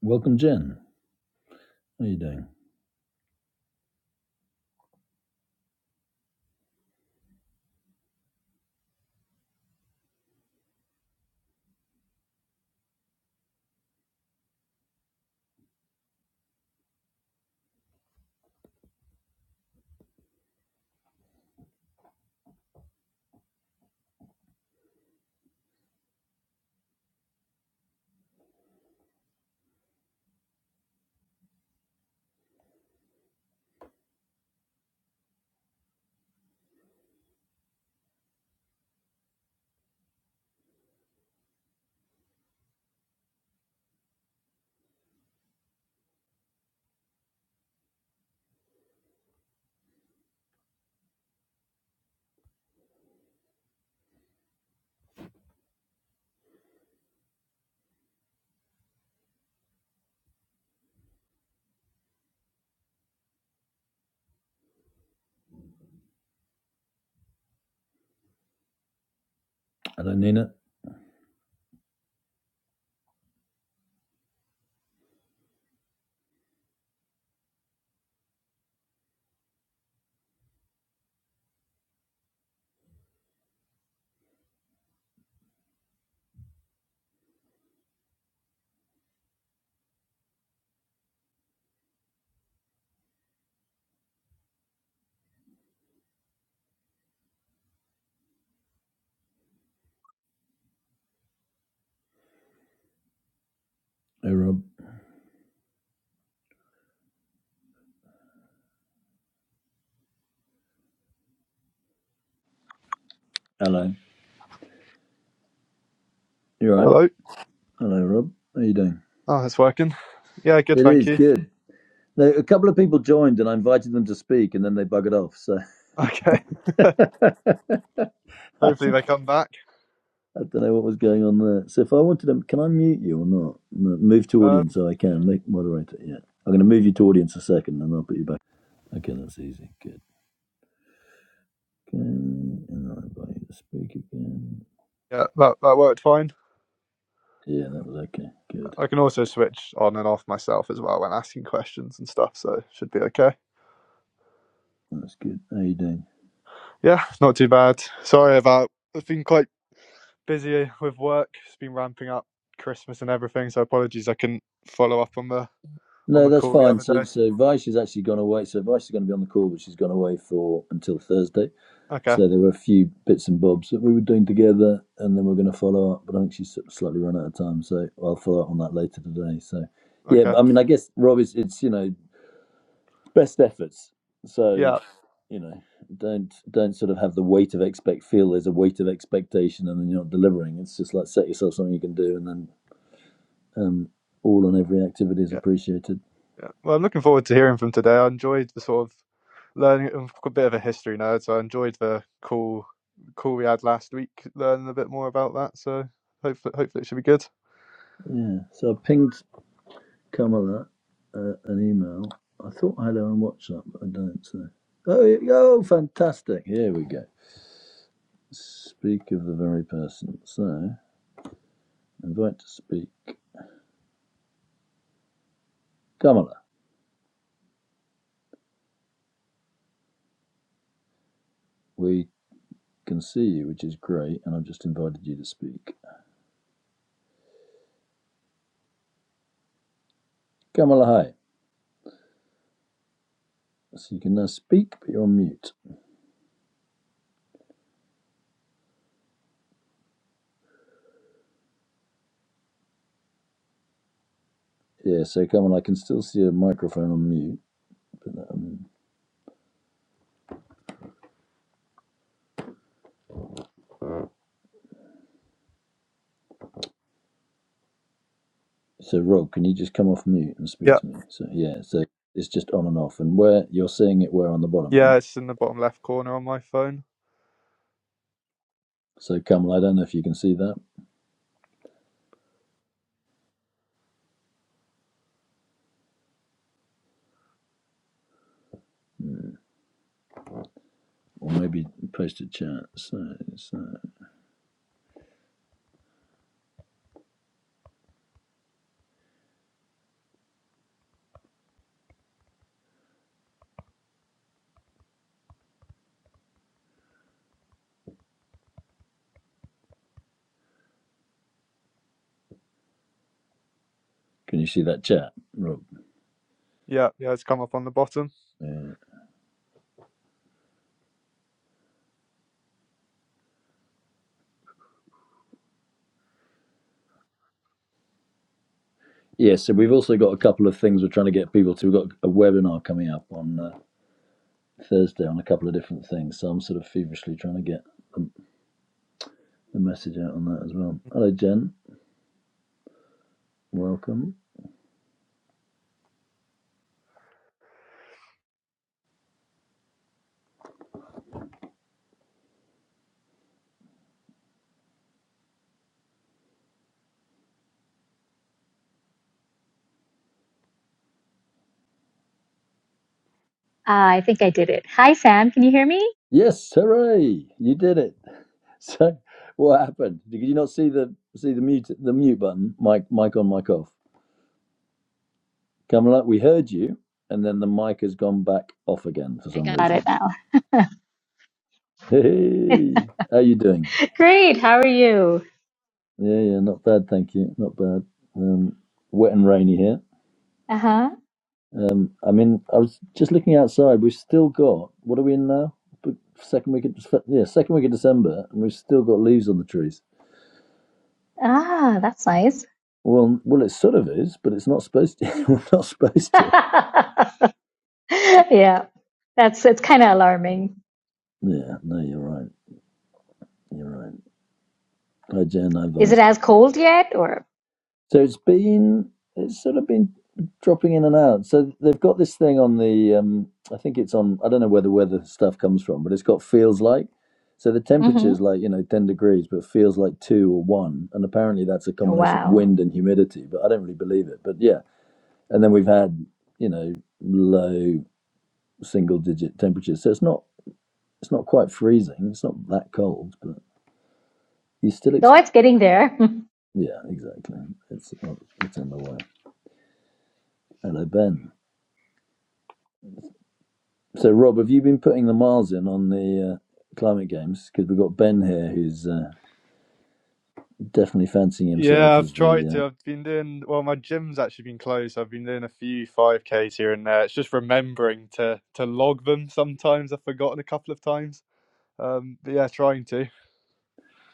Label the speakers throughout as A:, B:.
A: Welcome, Jen. How are you doing? Hello, Nina. Hey, Rob. Hello. You all right?
B: Hello.
A: Hello, Hello, Rob. How are you doing?
B: Oh, it's working. Yeah, good,
A: It
B: thank
A: is
B: you.
A: good. Now, a couple of people joined and I invited them to speak and then they buggered off. So
B: Okay.
A: I
B: Hopefully
A: don't,
B: they come back.
A: I don't know what was going on there. So if I wanted to, can I mute you or not? No, Move to audience
B: Um,
A: so I can make moderator. Yeah. I'm going to move you to audience a second and I'll put you back. Okay, that's easy. Good. Okay. And I'll invite you to speak again.
B: yeah, that that worked fine.
A: Yeah, that was okay. Good.
B: I can also switch on and off myself as well when asking questions and stuff, so it should be okay.
A: That's good. How are you doing?
B: Yeah, not too bad. Sorry about. I've been quite busy with work. It's been ramping up Christmas and everything, so apologies I couldn't follow up on the on
A: No,
B: the
A: that's
B: call the
A: fine.
B: other
A: So,
B: day.
A: so Vice has actually gone away. So Vice is going to be on the call, but she's gone away for until Thursday.
B: Okay.
A: So there were a few bits and bobs that we were doing together, and then we are going to follow up. But I think she's sort of slightly run out of time, so I'll follow up on that later today. So, yeah,
B: Okay.
A: but I mean, I guess Rob, it's, it's you know best efforts. So,
B: Yeah.
A: you know, don't don't sort of have the weight of expect feel there's a weight of expectation, and then you're not delivering. It's just like set yourself something you can do, and then um, all and every activity is
B: Yeah.
A: appreciated.
B: Yeah. Well, I'm looking forward to hearing from today. I enjoyed the sort of learning I'm a bit of a history nerd, so I enjoyed the call call we had last week, learning a bit more about that. So hopefully, hopefully it should be good.
A: Yeah. So I pinged. Kamala uh, an email. I thought I had her on WhatsApp, but I don't. So, oh, here we go. Oh, fantastic! Here we go. Speak of the very person. So, invite to speak. Kamala, we can see you, which is great, and I've just invited you to speak. Kamala, hi. So you can now speak, but you're on mute. Yeah, so Kamala, I can still see a microphone on mute. But, um, so Rob, can you just come off mute and speak
B: Yeah,
A: to me? So yeah, so it's just on and off, and where you're seeing it, where on the bottom,
B: yeah,
A: right?
B: it's in the bottom left corner on my phone.
A: So Kamal, I don't know if you can see that, Mm, or maybe post a chat. So, so can you see that chat, Rob?
B: Yeah, yeah, it's come up on the bottom.
A: Yeah. yeah. So we've also got a couple of things we're trying to get people to. We've got a webinar coming up on uh, Thursday on a couple of different things. So I'm sort of feverishly trying to get the, the message out on that as well. Hello, Jen. Welcome.
C: Ah, I think I did it. Hi, Sam. Can you hear me?
A: Yes, hooray! You did it. So, what happened? Did you not see the see the mute the mute button? Mic mic on, mic off. Kamala, we heard you, and then the mic has gone back off again for
C: I
A: some
C: got it
A: reason.
C: now.
A: Hey, hey, how you doing?
C: Great. How are you?
A: Yeah, yeah, not bad, thank you. Not bad. Um, wet and rainy here.
C: Uh huh.
A: Um, I mean, I was just looking outside. We've still got what are we in now? The Second week of yeah, second week of December, and we've still got leaves on the trees.
C: Ah, that's nice.
A: Well, well, it sort of is, but it's not supposed to. We're not supposed to.
C: yeah, that's it's kind of alarming.
A: Yeah, no, you're right. You're right. Hi, Jen. Hi,
C: Is
A: Vice.
C: it as cold yet? Or
A: So it's been it's sort of been dropping in and out. So they've got this thing on the um, I think it's on I don't know where the weather stuff comes from, but it's got feels like. So the temperature
C: hmm
A: is like you know ten degrees, but feels like two or one, and apparently that's a
C: oh,
A: combination of
C: wow.
A: wind and humidity. But I don't really believe it. But yeah, and then we've had you know low single digit temperatures, so it's not it's not quite freezing. It's not that cold, but you still
C: Oh,
A: expect.
C: it's getting there.
A: Yeah, exactly. It's not, it's on the way. Hello, Ben. So, Rob, have you been putting the miles in on the uh, climate games? Because we've got Ben here, who's uh, definitely fancying
B: Yeah,
A: himself
B: I've
A: as
B: tried
A: the
B: to. I've been doing well. My gym's actually been closed. I've been doing a few five Ks here and there. It's just remembering to to log them. Sometimes I've forgotten a couple of times. Um, but yeah, trying to.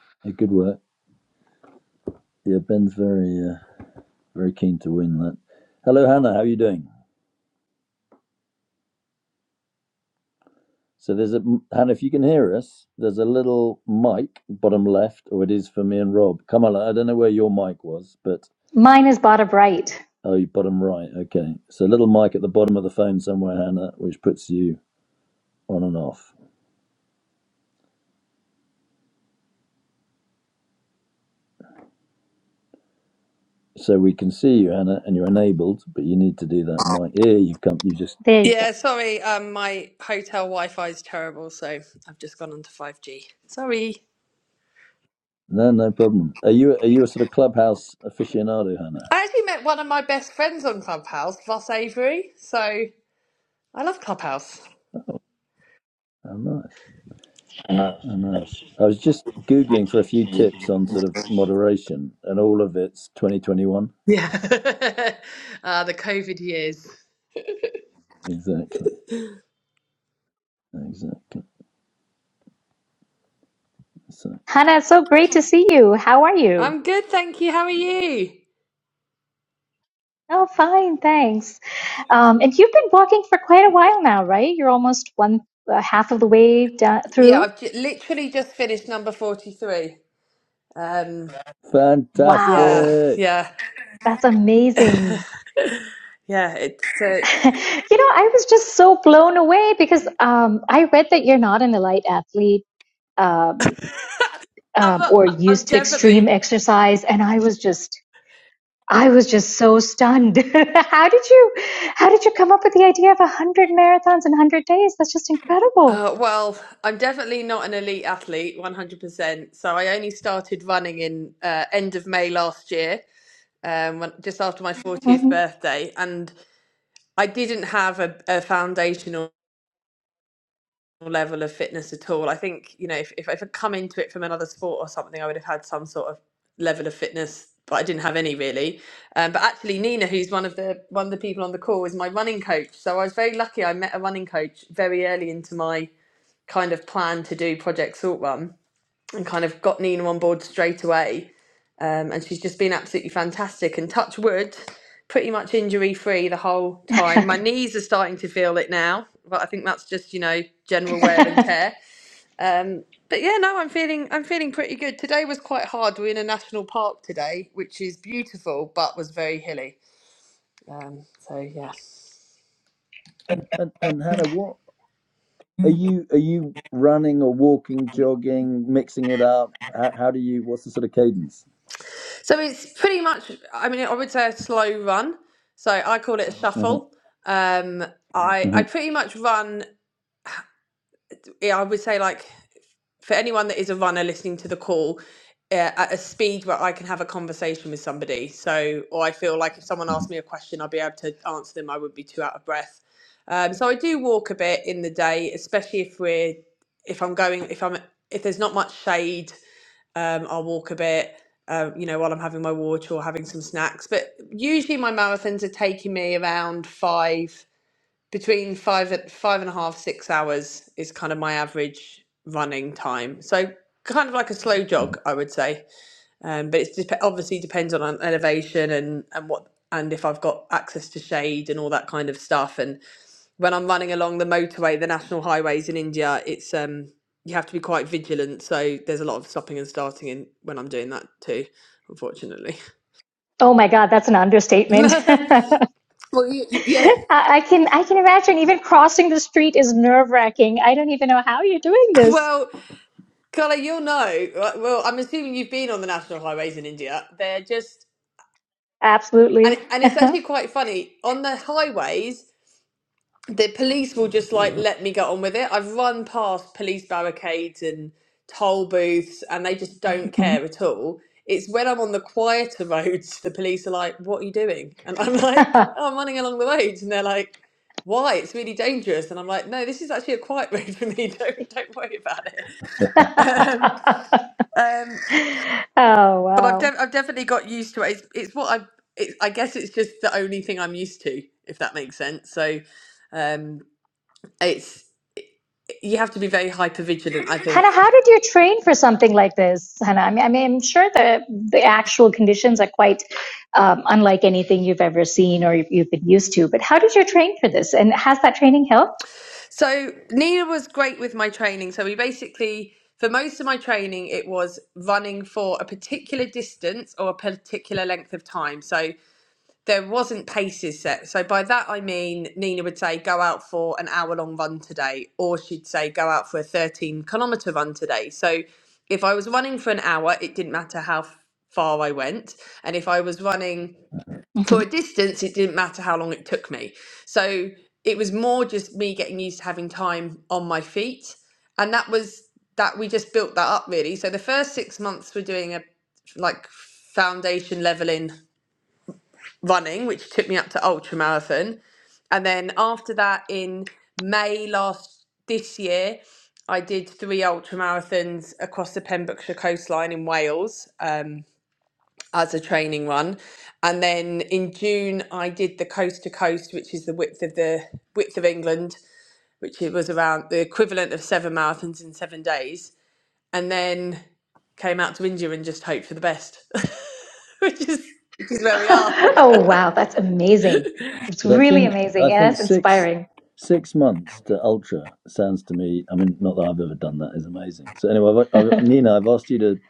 A: uh, a good work. Yeah, Ben's very uh, very keen to win that. Hello, Hannah. How are you doing? So, there's a Hannah. If you can hear us, there's a little mic bottom left, or it is for me and Rob. Come on, I don't know where your mic was, but
C: Mine is bottom right.
A: oh, bottom right. Okay, so a little mic at the bottom of the phone somewhere, Hannah, which puts you on and off. So we can see you, Hannah, and you're enabled, but you need to do that mic. Yeah, you've come. You just
C: There you go.
D: Yeah, sorry. Um, my hotel Wi-Fi is terrible, so I've just gone onto five G. Sorry.
A: no, no problem. Are you are you a sort of clubhouse aficionado, Hannah?
D: I actually met one of my best friends on Clubhouse, Voss Avery. So I love Clubhouse.
A: Oh, nice. Oh, nice. I was just googling for a few tips on sort of moderation, and all of it's 2021.
D: Yeah. uh, the COVID years.
A: Exactly. Exactly. So
C: Hannah, it's so great to see you. How are you?
D: I'm good, thank you. How are you?
C: Oh, fine, thanks. Um, and you've been walking for quite a while now, right? You're almost one uh, half of the way down,
D: Yeah,
C: through.
D: I've j- literally just finished number forty-three. Um, yeah,
C: Wow.
A: fantastic.
D: yeah,
C: That's amazing.
D: yeah. It's. Uh,
C: you know, I was just so blown away because um, I read that you're not an elite athlete um, um,
D: I'm.
C: or
D: I'm Mhm.
C: used to extreme
D: definitely.
C: exercise, and I was just, I was just so stunned. how did you, how did you come up with the idea of a hundred marathons in hundred days? That's just incredible.
D: Uh, well, I'm definitely not an elite athlete, 100%. So I only started running in uh, end of May last year, um, when, just after my 40th
C: hmm
D: birthday, and I didn't have a, a foundational level of fitness at all. I think you know if if I'd come into it from another sport or something, I would have had some sort of level of fitness, but I didn't have any really. Um, but actually, Nina, who's one of the one of the people on the call, is my running coach. So I was very lucky. I met a running coach very early into my kind of plan to do Project Salt Run and kind of got Nina on board straight away. Um, and she's just been absolutely fantastic and touch wood, pretty much injury free the whole time. My knees are starting to feel it now, but I think that's just you know general wear and tear. Um, but yeah, no, I'm feeling I'm feeling pretty good. Today was quite hard. We're in a national park today, which is beautiful but was very hilly. Um, so yeah,
A: And and Hannah, what are you are you running or walking, jogging, mixing it up? How, how do you? What's the sort of cadence?
D: so it's pretty much I mean I would say a slow run. So I call it a
A: hmm
D: shuffle. Um, I I
A: hmm
D: pretty much run. yeah, I would say like for anyone that is a runner listening to the call, uh, at a speed where I can have a conversation with somebody. So, or I feel like if someone asked
A: hmm
D: me a question, i will be able to answer them. I wouldn't be too out of breath. Um, so I do walk a bit in the day, especially if we're if I'm going if I'm if there's not much shade, um, I'll walk a bit. Um, you know, while I'm having my water or having some snacks. But usually my marathons are taking me around five between five and five and a half, six hours is kind of my average running time. So kind of like a slow jog, I would say. Um, but it obviously depends on elevation and and what and if I've got access to shade and all that kind of stuff. And when I'm running along the motorway, the national highways in India, it's um you have to be quite vigilant. So there's a lot of stopping and starting in when I'm doing that too, unfortunately.
C: oh my God, that's an understatement.
D: well,
C: I
D: you, you, yeah.
C: I can I can imagine even crossing the street is nerve wracking. I don't even know how you're doing this.
D: Well, Carla, you'll know. Well, I'm assuming you've been on the national highways in India. They're just, and
C: Absolutely.
D: and it's actually quite funny. On the highways, the police will just like let me get on with it. I've run past police barricades and toll booths, and they just don't
C: Mhm.
D: care at all. It's when I'm on the quieter roads, the police are like, "What are you doing?" And I'm like, oh, "I'm running along the roads," and they're like, "Why? It's really dangerous." And I'm like, "No, this is actually a quiet road for me. Don't don't worry about it." Um, um,
C: Oh,
D: But I've
C: wow.
D: def- I've definitely got used to it. It's, it's what I it's, I guess it's just the only thing I'm used to, if that makes sense. So, um, it's you have to be very hyper vigilant, I think.
C: Hannah, how did you train for something like this, Hannah? I mean, I mean, I'm sure the the actual conditions are quite um, unlike anything you've ever seen or you've, you've been used to. But how did you train for this, and has that training helped?
D: So Nina was great with my training. So we basically for most of my training it was running for a particular distance or a particular length of time. So there wasn't paces set. So by that I mean Nina would say go out for an hour long run today, or she'd say go out for a 13 kilometer run today. So if I was running for an hour, it didn't matter how f- far I went, and if I was running for
C: Mhm.
D: a distance, it didn't matter how long it took me. So it was more just me getting used to having time on my feet, and that was that we just built that up really. So the first six months were doing a like foundation leveling running, which took me up to ultra marathon. And then after that, in May last this year, I did three ultra marathons across the Pembrokeshire coastline in Wales uh, as a training run. And then in June, I did the coast to coast, which is the width of the width of England, which it was around the equivalent of seven marathons in seven days. And then came out to India and just hoped for the best, which is which is where we are.
C: Oh, wow, that's amazing. It's
A: But I
C: really
A: think
C: amazing.
A: I
C: Yeah,
A: think
C: that's
A: six
C: inspiring.
A: six months to ultra sounds to me. I mean, not that I've ever done that is amazing. So anyway, I've, I've, Nina, I've asked you to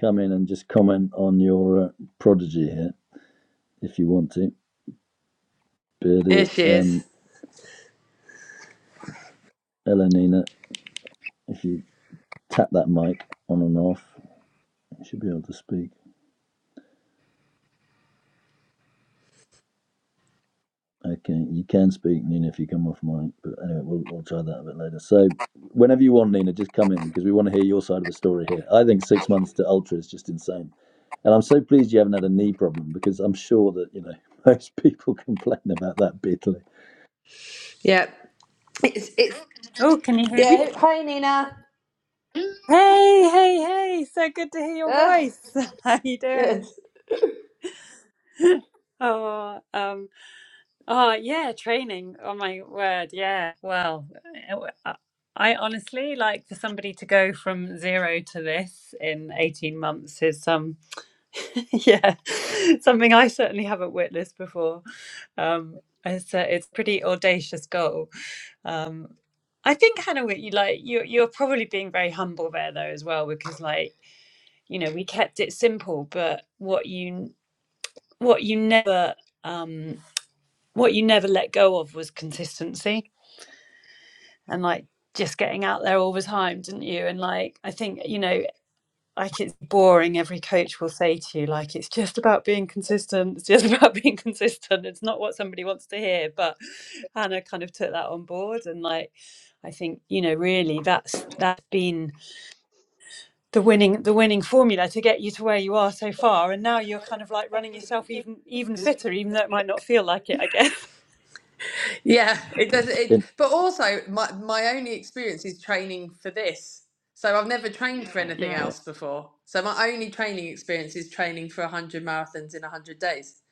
A: come in and just comment on your uh, prodigy here, if you want to. But
D: Here
A: it,
D: she is.
A: um, hello, Nina. If you tap that mic on and off, you should be able to speak. Okay, you can speak, Nina, if you come off mic. But anyway, we'll, we'll try that a bit later. So whenever you want, Nina, just come in because we want to hear your side of the story here. I think six months to ultra is just insane. And I'm so pleased you haven't had a knee problem because I'm sure that you know most people complain about that bitterly.
D: Yeah. It's it's
E: Oh, can you hear me?
D: yeah. Hi, Nina.
E: Hey, hey, hey! So good to hear your
D: Ugh,
E: voice. How you
D: good.
E: doing? Oh, um, oh yeah, training. Oh my word, yeah. Well, I I honestly like for somebody to go from zero to this in 18 months is um yeah, something I certainly haven't witnessed before. Um, it's a, it's pretty audacious goal. Um, I think Hannah, what you like you you're probably being very humble there though as well because like you know we kept it simple but what you what you never um what you never let go of was consistency and like just getting out there all the time didn't you and like i think you know like it's boring every coach will say to you like it's just about being consistent it's just about being consistent it's not what somebody wants to hear but hannah kind of took that on board and like i think you know really that's that's been the winning the winning formula to get you to where you are so far and now you're kind of like running yourself even even fitter even though it might not feel like it i guess
D: Yeah. It does. It.
A: In-
D: But also, my my only experience is training for this. So I've never trained for anything
E: yeah
A: yeah,
D: else before. So my only training experience is training for a hundred marathons in a hundred days.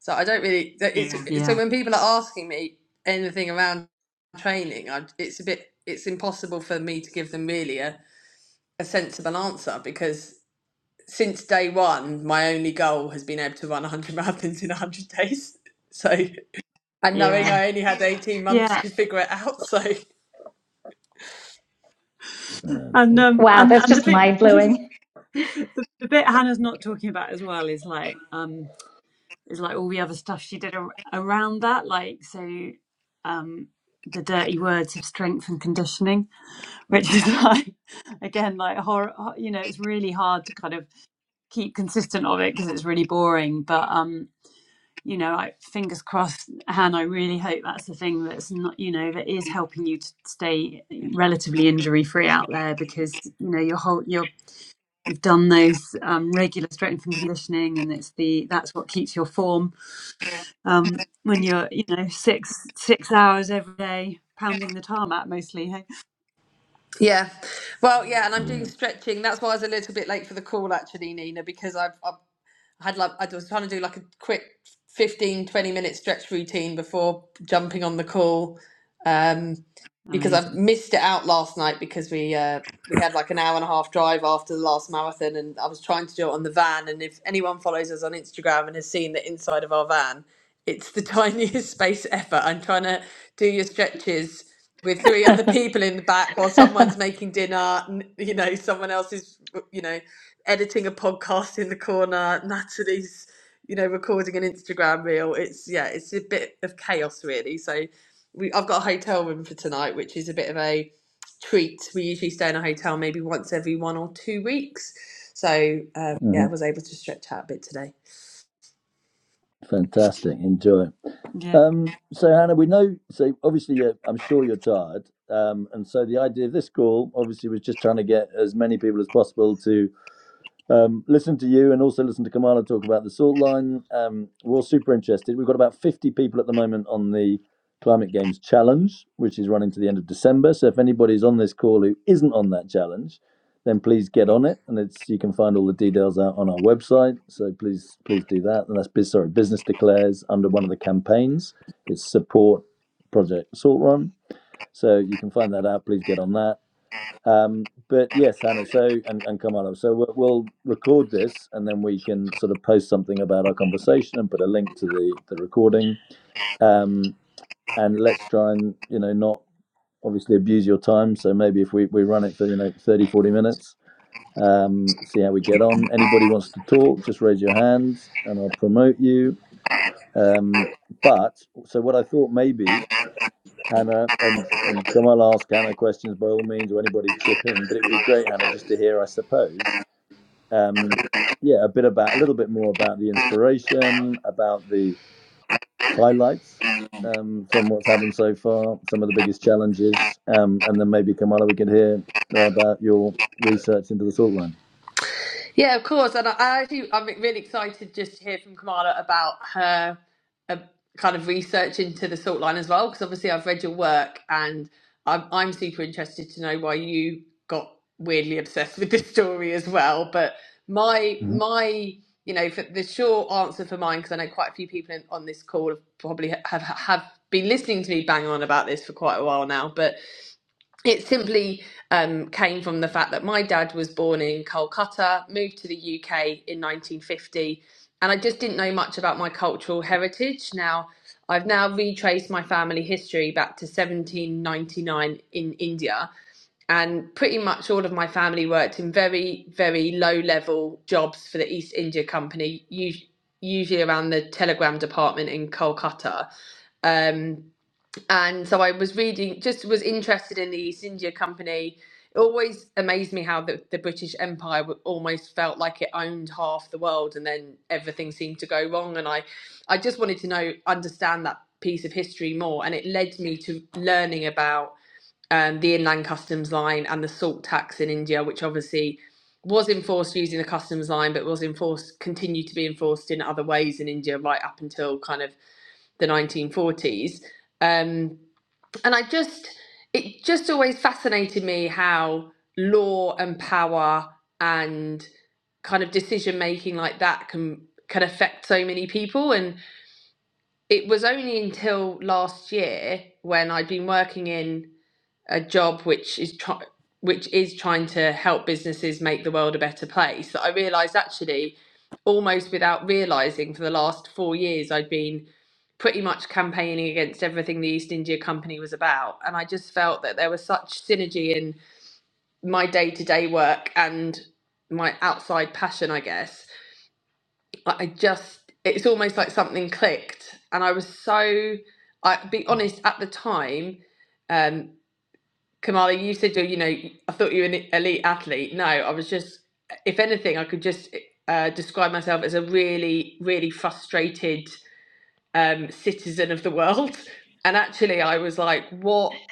D: So I don't really. that- It's, Yeah. So
E: yeah
D: when people are asking me anything around training, I, it's a bit. It's impossible for me to give them really a, a sensible answer because since day one, my only goal has been able to run 100 marathons in 100 days. So, and knowing
E: yeah
D: I only had 18 months
E: yeah
D: to figure it out. So,
A: right.
E: and
A: Or-
E: um
C: Wow,
E: and
C: that's
E: and the
C: just
E: bit
C: mind blowing.
E: the, the bit hannah's not talking about as well is like um is like all the other stuff she did ar- around that like so um the dirty words of strength and conditioning which
A: uh,
E: is like again like horror you know it's really hard to kind of keep consistent of it because it's really boring but um you know, I, fingers crossed, Han. I really hope that's the thing that's not, you know, that is helping you to stay relatively injury free out there because you know your whole your you've done those um, regular strength and conditioning, and it's the that's what keeps your form um, when you're you know six six hours every day pounding the tarmac mostly. Hey,
D: yeah. Well, yeah. And I'm doing
A: yeah,
D: stretching. That's why I was a little bit late for the call, actually, Nina, because I've, I've had like, I was trying to do like a quick 15 20 minute stretch routine before jumping on the call. Um, because I
E: amazing.
D: missed it out last night because we uh, we had like an hour and a half drive after the last marathon, and I was trying to do it on the van. And if anyone follows us on Instagram and has seen the inside of our van, it's the tiniest space ever. I'm trying to do your stretches with three other people in the back while someone's making dinner. n- You know, someone else is you know editing a podcast in the corner. Natalie's you know recording an Instagram reel. It's yeah, it's a bit of chaos really. So we I've got a hotel room for tonight, which is a bit of a treat. We usually stay in a hotel maybe once every one or two weeks. So um, yeah,
A: hmm
D: I was able to stretch out a bit today.
A: fantastic. Enjoy.
E: Yeah.
A: Um, so Hannah, we know. So obviously, uh, I'm sure you're tired. Um, and so the idea of this call obviously was just trying to get as many people as possible to Um, listen to you and also listen to Kamala talk about the salt line. Um, we're all super interested. We've got about 50 people at the moment on the Climate Games Challenge, which is running to the end of December. So if anybody's on this call who isn't on that challenge, then please get on it. And it's you can find all the details out on our website. So please, please do that. And that's bus- sorry, business declares under one of the campaigns. It's support project salt run. So you can find that out. Please get on that. Um, but yes, Hannah. So and and Kamala. So we'll, we'll record this, and then we can sort of post something about our conversation and put a link to the the recording. Um, and let's try and you know not obviously abuse your time. So maybe if we we run it for you know 30 40 minutes, um, see how we get on. Anybody wants to talk, just raise your hands, and I'll promote you. Um, but so what I thought maybe Hannah and and come ask Hannah questions by all means or anybody chip in. But it would be great, Hannah, just to hear, I suppose, um, yeah, a bit about a little bit more about the inspiration, about the highlights um, from what's happened so far, some of the biggest challenges, um, and then maybe Kamala, we could hear uh, about your research into the salt line.
D: Yeah, of course. And I, I actually, I'm really excited just to hear from Kamala about her uh, kind of research into the salt line as well, because obviously I've read your work and I'm, I'm super interested to know why you got weirdly obsessed with this story as well. But my,
A: hmm
D: my, you know, for the short answer for mine, because I know quite a few people in, on this call have probably have, have been listening to me bang on about this for quite a while now, but it simply um, came from the fact that my dad was born in Kolkata, moved to the UK in 1950, and I just didn't know much about my cultural heritage. Now, I've now retraced my family history back to 1799 in India, and pretty much all of my family worked in very, very low level jobs for the East India Company, us- usually around the telegram department in Kolkata. Um, and so I was reading, just was interested in the East India Company. It always amazed me how the, the British Empire w- almost felt like it owned half the world, and then everything seemed to go wrong. And I, I just wanted to know, understand that piece of history more, and it led me to learning about um, the inland customs line and the salt tax in India, which obviously was enforced using the customs line, but was enforced, continued to be enforced in other ways in India right up until kind of the 1940s. Um, and I just it just always fascinated me how law and power and kind of decision making like that can can affect so many people and it was only until last year when I'd been working in a job which is try- which is trying to help businesses make the world a better place that I realized actually almost without realizing for the last 4 years I'd been pretty much campaigning against everything the East India Company was about and I just felt that there was such synergy in my day-to-day work and my outside passion I guess Like, I just it's almost like something clicked and I was so I be honest at the time um. Kamala, you said you know I thought you were an e, elite athlete. No, I was just, if anything, I could just uh, describe myself as a really, really frustrated um, citizen of the world. And actually, I was like, what,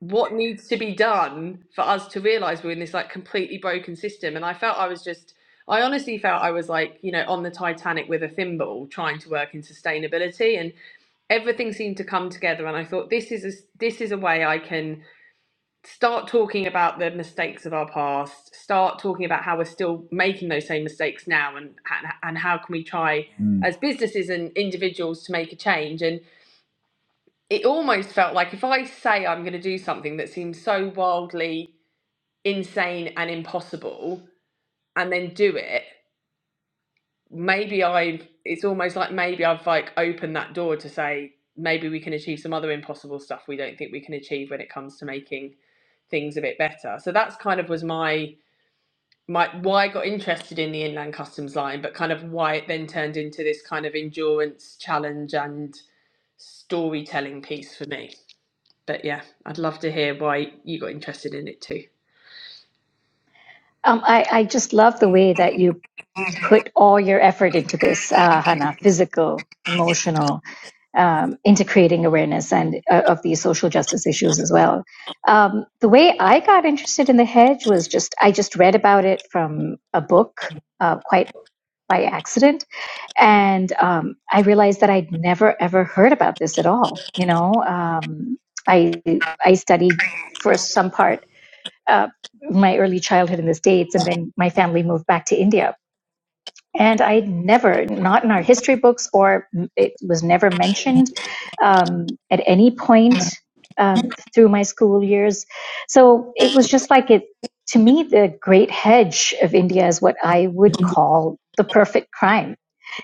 D: what needs to be done for us to realise we're in this like completely broken system? And I felt I was just, I honestly felt I was like, you know, on the Titanic with a thimble, trying to work in sustainability, and everything seemed to come together. And I thought this is a, this is a way I can start talking about the mistakes of our past start talking about how we're still making those same mistakes now and and, and how can we try
A: Mm-hmm.
D: as businesses and individuals to make a change and it almost felt like if i say i'm going to do something that seems so wildly insane and impossible and then do it maybe i've it's almost like maybe i've like opened that door to say maybe we can achieve some other impossible stuff we don't think we can achieve when it comes to making things a bit better so that's kind of was my my why I got interested in the inland customs line, but kind of why it then turned into this kind of endurance challenge and storytelling piece for me. But yeah, I'd love to hear why you got interested in it too.
C: Um, I, I just love the way that you put all your effort into this, uh, Hannah, physical, emotional, um, into creating awareness and uh, of these social justice issues as well. Um, the way I got interested in the hedge was just I just read about it from a book, uh, quite by accident, and um, I realized that I'd never ever heard about this at all. You know, um, I I studied for some part uh, my early childhood in the states, and then my family moved back to India and I never, not in our history books, or it was never mentioned um, at any point um, through my school years. So it was just like it, to me, the great hedge of India is what I would call the perfect crime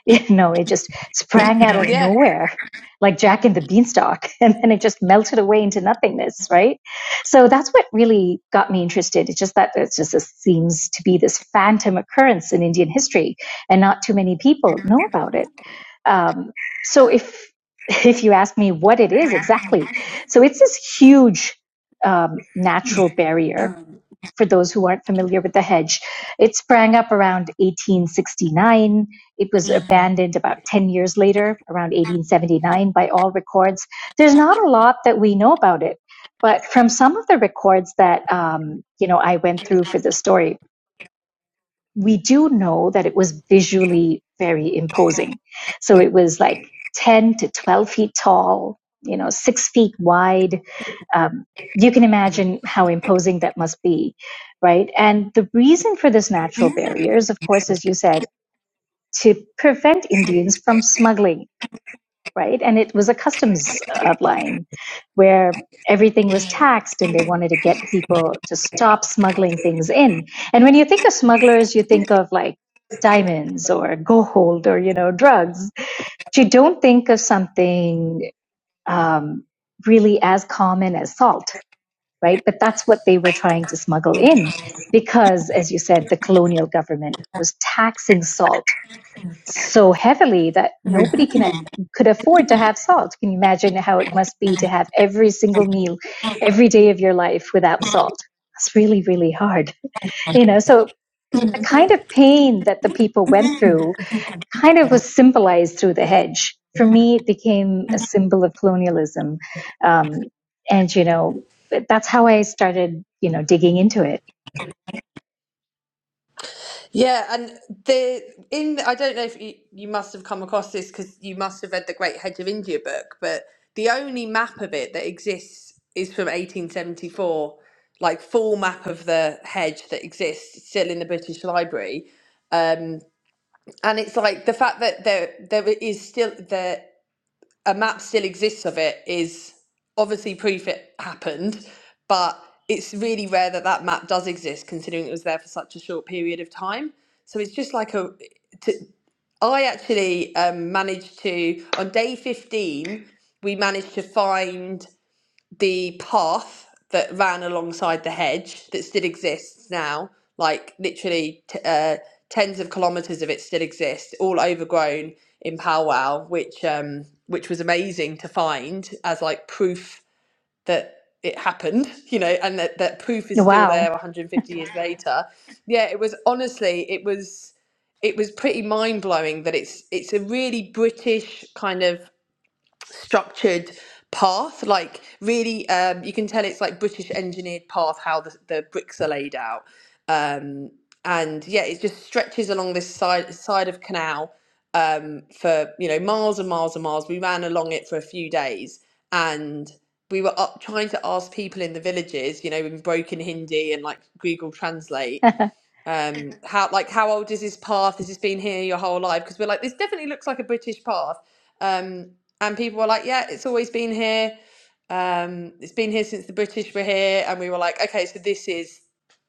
C: You know, it just sprang out
D: So
C: of
D: yeah.
C: nowhere, like Jack and the Beanstalk, and then it just melted away into nothingness, right? So that's what really got me interested. It's just that it's just this seems to be this phantom occurrence in Indian history, and not too many people know about it. Um, so if if you ask me what it
D: You
C: is
D: asked me
C: exactly,
D: what it is.
C: so it's this huge um,
D: It's huge.
C: natural barrier
D: Um,
C: for those who aren't familiar with the hedge. It sprang up around 1869. It was
D: and,
C: abandoned about 10 years later, around 1879, by all records. There's not a lot that we know about it, but from some of the records that um, you know I went through for this story, we do know that it was visually very imposing. So it was like 10 to 12 feet tall, you know, six feet wide. Um, you can imagine how imposing that must be, right? And the reason for this natural barrier, is of course, as you said, to prevent Indians from smuggling right? And it was a customs uh, line where everything was taxed and they wanted to get people to stop smuggling things in. And when you think of smugglers, you think of like diamonds or gold or, you know, drugs, but you don't think of something um, really as common as salt, right? But that's what they were
D: right, the
C: trying to
D: first
C: smuggle in because, as you said, the colonial government was taxing salt so heavily that nobody can
D: thing that
C: could afford to have salt. Can you imagine how it must be to have every single meal, every day of your life without salt? It's really, really hard. You know, so the
D: came-
C: kind of pain that the people went
D: Mhm.
C: through kind of was symbolized through the hedge. For me, it became a symbol of colonialism. Um, and, you know, that's how I started, you know, digging into it.
D: Yeah, and the in I don't know if you, you must have come across this because you must have read the Great Hedge of India book, but the only map of it that exists is from 1874, like full map of the hedge that exists it's still in the British Library, and it's like the fact that there there is still there a map still exists of it is obviously proof it happened, but it's really rare that that map does exist considering it was there for such a short period of time. So it's just like a to I actually um, managed to, on day 15, we managed to find the path that ran alongside the hedge that still exists now. Like literally t- uh, tens of kilometres of it still exists, all overgrown in powwow, which um, which was amazing to find as like proof that it happened, you know, and that, that proof is still
C: Wow.
D: there 150 years later. Yeah, it was honestly, it was it was pretty mind blowing that it's it's a really British kind of structured path like really um you can tell it's like british engineered path how the, the bricks are laid out um and yeah it just stretches along this side side of canal um for you know miles and miles and miles we ran along it for a few days and we were up trying to ask people in the villages you know in broken hindi and like google translate um how like how old is this path has this been here your whole life because we're like this definitely looks like a british path um and people are like yeah it's always been here um, it's been here since the British were here, and we were like, okay, so this is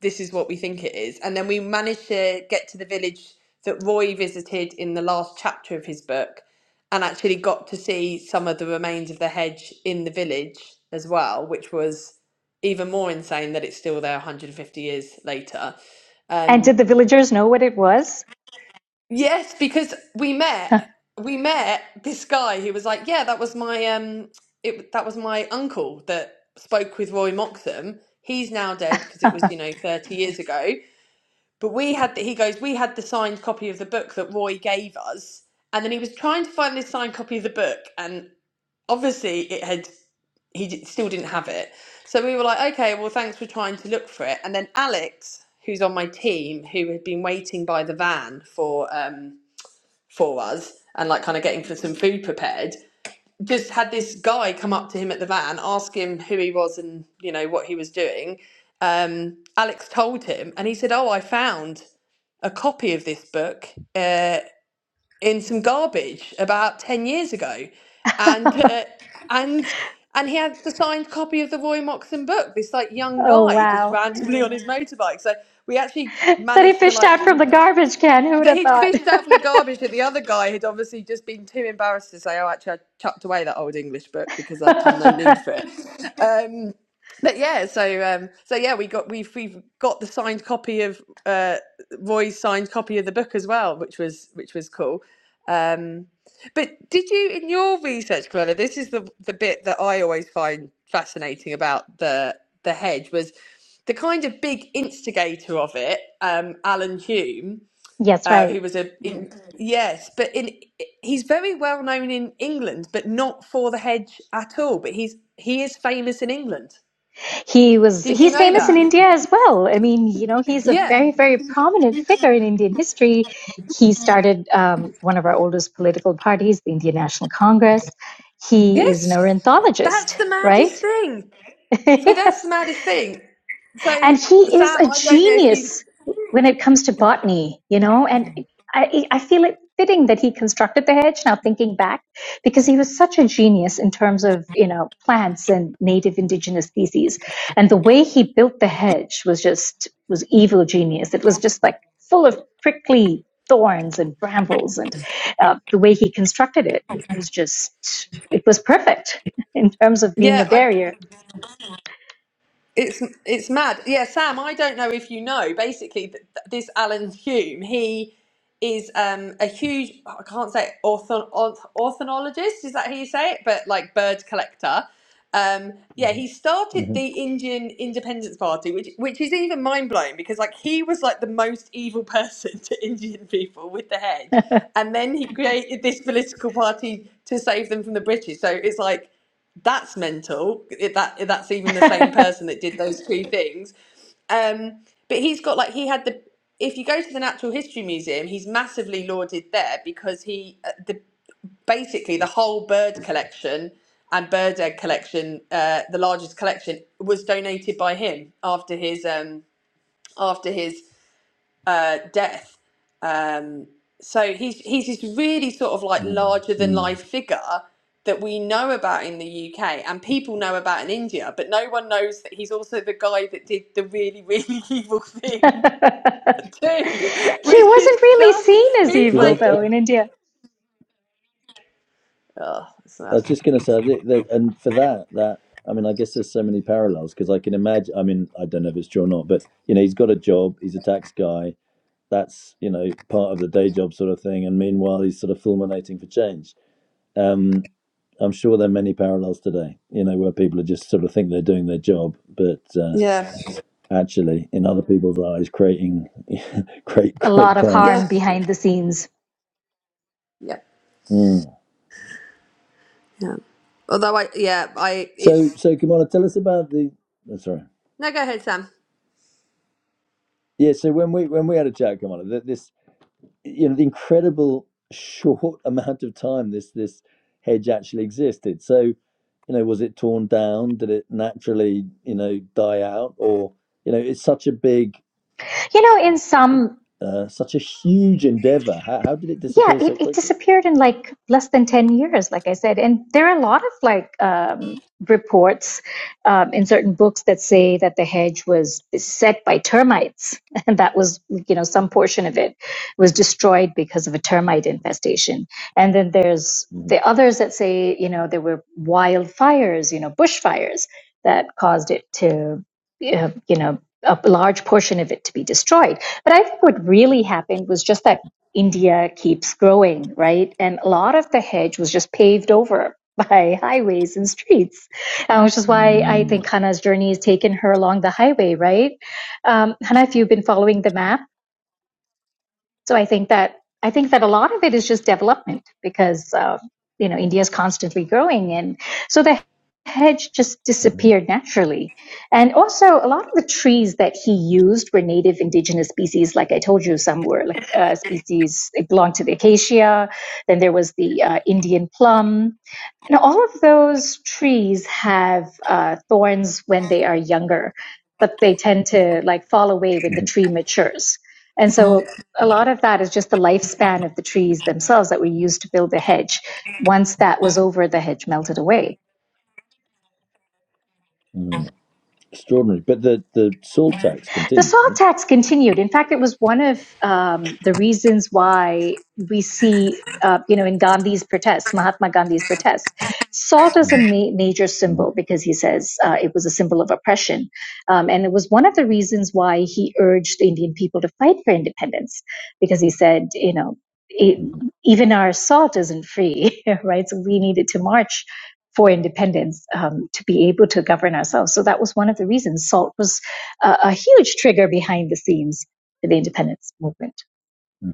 D: this is what we think it is. And then we managed to get to the village that Roy visited in the last chapter of his book, and actually got to see some of the remains of the hedge in the village as well, which was even more insane that it's still there 150 years later.
C: And
D: Um,
C: did the villagers know what it was?
D: Yes, because we met, we met this guy who was like, "Yeah, that was my um, it that was my uncle that spoke with Roy Moxham. He's now dead because it was you know thirty years ago. But we had the, he goes, we had the signed copy of the book that Roy gave us, and then he was trying to find this signed copy of the book, and obviously it had he d- still didn't have it. So we were like, okay, well, thanks for trying to look for it. And then Alex, who's on my team, who had been waiting by the van for um for us and like kind of getting for some food prepared just had this guy come up to him at the van ask him who he was and you know what he was doing um alex told him and he said oh i found a copy of this book uh in some garbage about 10 years ago and uh, and and he had the signed copy of the roy moxon book this like young
C: Oh,
D: guy just
C: wow.
D: randomly on his motorbike so we actually
C: That he
D: managed to
C: fished
D: like
C: out from
D: we
C: the garbage can. Who would
D: but
C: have
D: he'd
C: thought?
D: fished out from the garbage that the other guy had obviously just been too embarrassed to say, "Oh, actually, I chucked away that old English book because I had no need for it." Um, but yeah, so um, so yeah, we got we've we've got the signed copy of uh, Roy's signed copy of the book as well, which was which was cool. But did you, in your research, Cruella, this is the the bit that I always find fascinating about the the hedge was the kind of big instigator of it, um, Alan Hume
C: Yes,
D: uh,
C: right.
D: who was a in, yes, but in he's very well known in England, but not for the hedge at all. But he's he is famous in England.
C: He was
D: Did you
C: he's
D: know
C: famous
D: that?
C: in India as well. I mean, you know, he's a
D: Yeah.
C: very very prominent figure in Indian history. He started um, one of our oldest political parties, the Indian National Congress. He
D: Yes.
C: is an
D: That's
C: ornithologist,
D: the maddest
C: right?
D: thing. So that's
C: yes
D: the maddest thing. So
C: and he is
D: Sam,
C: a
D: I don't know if you.
C: genius when it comes to botany, you know, and I, I feel it fitting that he constructed the hedge now thinking back because he was such a genius in terms of you know plants and native indigenous species and the way he built the hedge was just was evil genius it was just like full of prickly thorns and brambles and uh, the way he constructed it was just it was perfect in terms of being a
D: Yeah, I.
C: barrier
D: It's it's mad. Yeah, Sam, I don't know if you know. Basically, th- th- this Alan Hume, he is um, a huge, I can't say orthon, orth, ornithologist, is that how you say it? But like bird collector. Um, yeah, he started the Indian Independence Party, which which is even mind blowing because like he was like the most evil person to Indian people with the hedge, and then he created this political party to save them from the British. So it's like that's mental. If that if that's even the same person that did those two things. Um, but he's got like he had the. If you go to the Natural History Museum, he's massively lauded there because he uh, the basically the whole bird collection and bird egg collection, uh, the largest collection, was donated by him after his um, after his uh, death. Um, so he's he's this really sort of like Mm. larger than
A: Mm-hmm.
D: life figure that we know about in the UK and people know about in India, but no one knows that he's also the guy that did the really really evil
C: He
D: thing too, which is
C: wasn't really
D: just
C: seen as
D: he's
A: Did I?
C: evil,
D: like
A: I
C: though, in India.
D: oh it's
A: I
D: sad.
A: was just going to say that, that, and for that, that I mean, I guess there's so many parallels because I can imagine. I mean, I don't know if it's true or not, but you know, he's got a job. He's a tax guy. That's you know part of the day job sort of thing. And meanwhile, he's sort of fulminating for change. Um, I'm sure there are many parallels today. You know, where people are just sort of think they're doing their job, but uh,
D: Yeah,
A: actually, in other people's eyes, creating great,
C: A
A: great
C: lot of
D: yeah,
A: crimes.
C: harm behind the scenes.
D: yeah,
A: Mm.
D: yeah. Although I yeah I
A: So,
D: it's
A: so Kamala, tell us about the. oh, sorry.
D: no go ahead Sam.
A: Yeah, so when we when we had a chat, Kamala, th- this you know the incredible short amount of time this this hedge actually existed so you know was it torn down did it naturally you know die out or you know it's such a big
C: You know, in some
A: uh, such a huge endeavor how, how did it
C: yeah
A: disappear so
C: it, it
A: quickly
C: disappeared in like less than 10 years like i said and there are a lot of like um, reports um, in certain books that say that the hedge was beset by termites and that was you know some portion of it was destroyed because of a termite infestation and then there's
A: Mhm,
C: the others that say you know there were wildfires you know bushfires that caused it to uh, you know a large portion of it to be destroyed but i think what really happened was just that India keeps growing, right? And a lot of the hedge was just paved over by highways and streets, uh, which is why I
A: mhm,
C: think Hannah's journey has taken her along the highway, right? Um, Hannah, if you've been following the map, so I think that I think that a lot of it is just development because uh, you know India is constantly growing, and so the hedge just
A: mhm,
C: disappeared naturally. And also, a lot of the trees that he used were native indigenous species. Like I told you, some were like uh, species it belonged to the acacia. Then there was the uh, Indian plum. And all of those trees have uh, thorns when they are younger, but they tend to like fall away when the
A: mhm,
C: tree matures. And so a lot of that is just the lifespan of the trees themselves that we used to build the hedge. Once that was over, the hedge melted away.
A: mhm. extraordinary but the the salt tax
C: The
A: continued
C: salt
A: right
C: tax continued. In fact, it was one of um, the reasons why we see, uh, you know, in Gandhi's protests, Mahatma Gandhi's protests, salt is a
A: Mhm,
C: ma- major
A: mhm,
C: symbol because he says uh, it was a symbol of oppression. Um, and it was one of the reasons why he urged the Indian people to fight for independence because he said, you know, e-
A: mhm,
C: even our salt isn't free, right? So we needed to march for independence um, to be able to govern ourselves. So that was one of the reasons salt was a, a huge trigger behind the scenes to the independence movement.
A: mhm,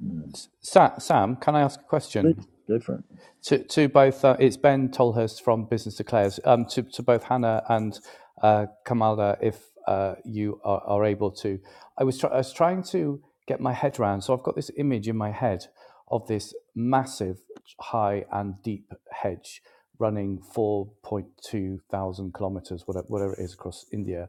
A: mhm.
F: Sa- Sam, can I ask a question?
A: please different
F: To, to both, uh, it's Ben Tolhurst from Business Declares. Um, to, to both Hannah and uh, Kamala, if uh, you are, are able to. I was, try- I was trying to get my head around. so I've got this image in my head of this massive, high, and deep hedge running 4.2 thousand kilometers, whatever, whatever it is, across India.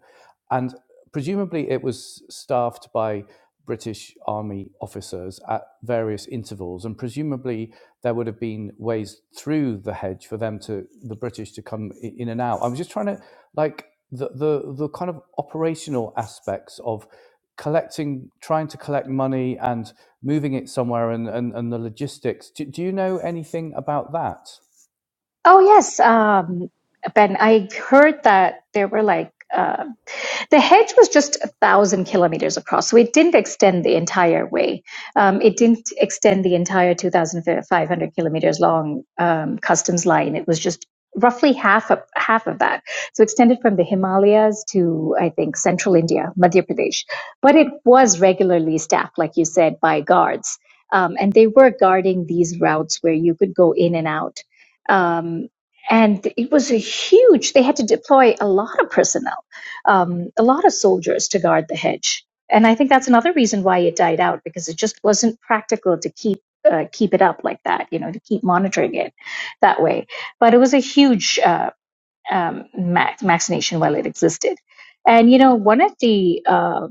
F: And Presumably, it was staffed by British Army officers at various intervals, and presumably there would have been ways through the hedge for them to the British to come in and out. I'm just trying to like the the the kind of operational aspects of collecting, trying to collect money and moving it somewhere, and and, and the logistics. Do, do you know anything about that?
C: Oh yes, um, Ben, I heard that there were like uh, The hedge was just a thousand kilometers across, so it didn't extend the entire way. Um, it didn't extend the entire 2,500 kilometers long um, customs line. It was just roughly half of half of that. So extended from the Himalayas to I think central India, Madhya Pradesh. But it was regularly staffed, like you said, by guards, um, and they were guarding these routes where you could go in and out. Um, and it was a huge. They had to deploy a lot of personnel um, a lot of soldiers to guard the hedge. And I think that's another reason why it died out because it just wasn't practical to keep uh, keep it up like that, you know, to keep monitoring it that way. But it was a huge uh, um, max, vaccination while it existed. And you know, one of the uh,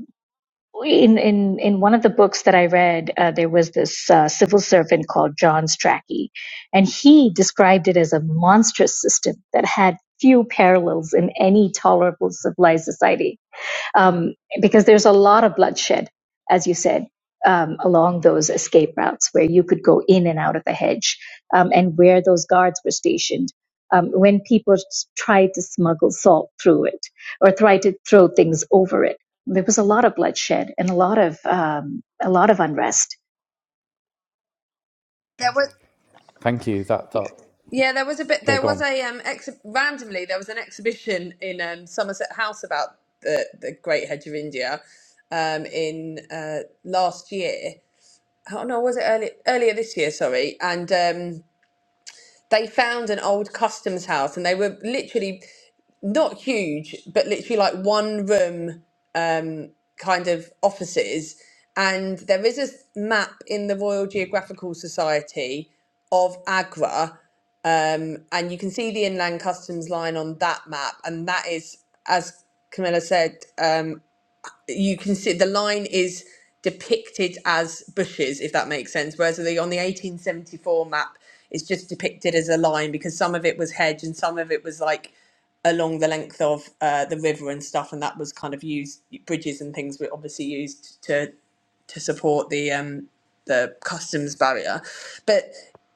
C: in in in one of the books that I read, uh, there was this uh, civil servant called John Strachey, and he described it as a monstrous system that had few parallels in any tolerable civilized society um, because there's a lot of bloodshed, as you said, um, along those escape routes where you could go in and out of the hedge um, and where those guards were stationed. Um, when people tried to smuggle salt through it or tried to throw things over it, there was a lot of bloodshed and a lot of um, a lot of unrest.
D: There was
F: Thank you. That that
D: Yeah, there was a bit.
F: yeah,
D: There
F: go
D: was
F: on.
D: a um. Ex- randomly, there was an exhibition in um, Somerset House about the the Great Hedge of India, um, in uh, last year. Oh no, was it early, earlier this year? Sorry, and um, they found an old customs house, and they were literally not huge, but literally like one room kind of offices. And there is a map in the Royal Geographical Society of Agra um, and you can see the inland customs line on that map, and that is, as Camilla said, um, you can see the line is depicted as bushes, if that makes sense. Whereas the, on the 1874 map, it's just depicted as a line because some of it was hedge and some of it was like along the length of uh, the river and stuff, and that was kind of used. Bridges and things were obviously used to to support the um, the customs barrier. But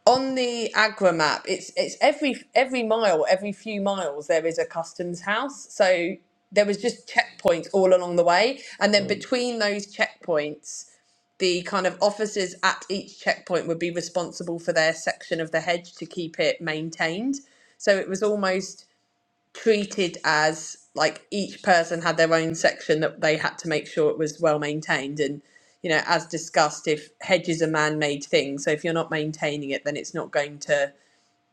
D: on the Agra map, it's it's every every mile, every few miles, there is a customs house. So there was just checkpoints all along the way, and then
A: um,
D: between those checkpoints, the kind of officers at each checkpoint would be responsible for their section of the hedge to keep it maintained. So it was almost treated as like each person had their own section that they had to make sure it was well maintained and you know as discussed if hedges are man-made things so if you're not maintaining it then it's not going to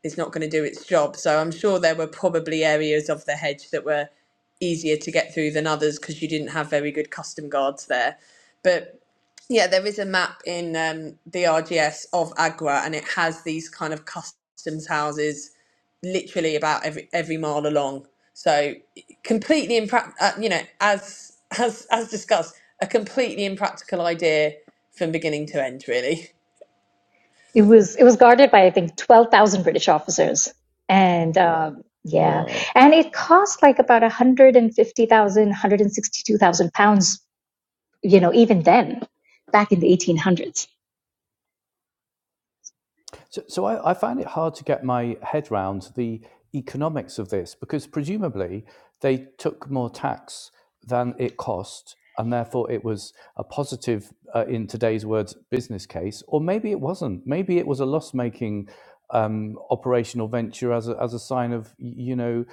D: it's not going to do its job so i'm sure there were probably areas of the hedge that were easier to get through than others because you didn't have very good custom guards there but yeah there is a map in um, the rgs of agra and it has these kind of customs houses literally about every every mile along. So completely imprac uh, you know, as as as discussed, a completely impractical idea from beginning to end, really.
C: It was it was guarded by I think twelve thousand British officers, and um, yeah,
A: wow
C: and it cost like about one hundred and fifty thousand one hundred and sixty two thousand pounds, you know, even then, back in the eighteen hundreds.
F: So, so I, I find it hard to get my head round the economics of this because presumably they took more tax than it cost, and therefore it was a positive, uh, in today's words, business case. Or maybe it wasn't. Maybe it was a loss-making um, operational venture as a, as a sign of you know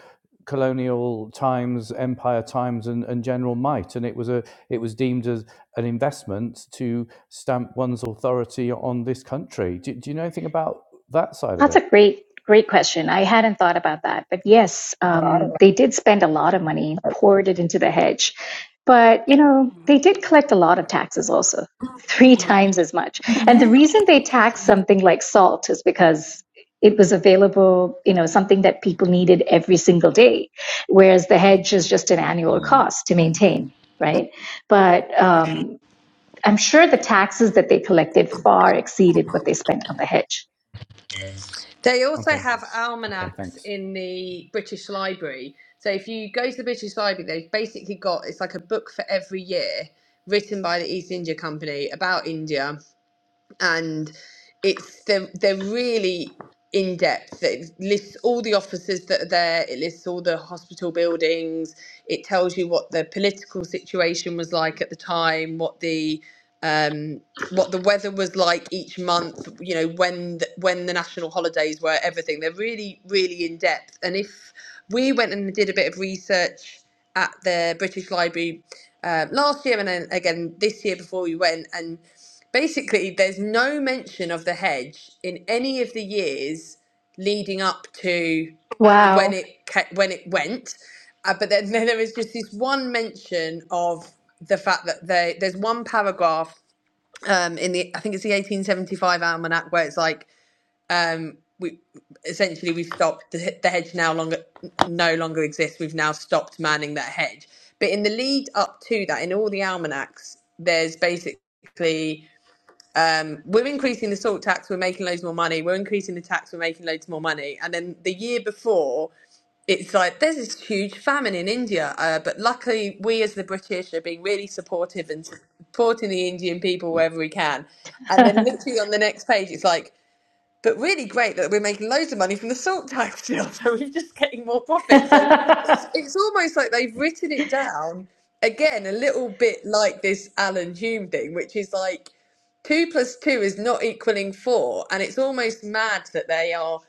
F: colonial times, empire times, and, and general might, and it was a it was deemed as an investment to stamp one's authority on this country. Do, do you know anything about that side of
C: That's a
F: it?
C: great, great question. I hadn't thought about that. But yes, um, they did spend a lot of money, poured it into the hedge. But, you know, they did collect a lot of taxes also, three times as much. And the reason they taxed something like salt is because it was available, you know, something that people needed every single day, whereas the hedge is just an annual cost to maintain, right? But um, I'm sure the taxes that they collected far exceeded what they spent on the hedge.
D: They also
F: Okay,
D: have
F: okay,
D: almanacs
F: thanks.
D: in the British Library. So if you go to the British Library, they've basically got it's like a book for every year written by the East India Company about India and it's they're, they're really in depth. It lists all the officers that are there. It lists all the hospital buildings. It tells you what the political situation was like at the time, what the um, what the weather was like each month. You know when the, when the national holidays were. Everything. They're really really in depth. And if we went and did a bit of research at the British Library uh, last year and then again this year before we went. and basically there's no mention of the hedge in any of the years leading up to Wow. when
C: Wow.
D: it ca- when it went uh, but then, then there is just this one mention of the fact that they, there's one paragraph um, in the i think it's the 1875 almanac where it's like um, we essentially we've stopped the, the hedge now longer no longer exists we've now stopped manning that hedge but in the lead up to that in all the almanacs there's basically um, we're increasing the salt tax, we're making loads more money. We're increasing the tax, we're making loads more money. And then the year before, it's like there's this huge famine in India. Uh, but luckily, we as the British are being really supportive and supporting the Indian people wherever we can. And then literally on the next page, it's like but really great that we're making loads of money from the salt tax deal, so we're just getting more profit. So it's it's almost like they've written it down again, a little bit like this Alan Hume thing, which is like two plus two is not equaling four, and it's almost mad that they are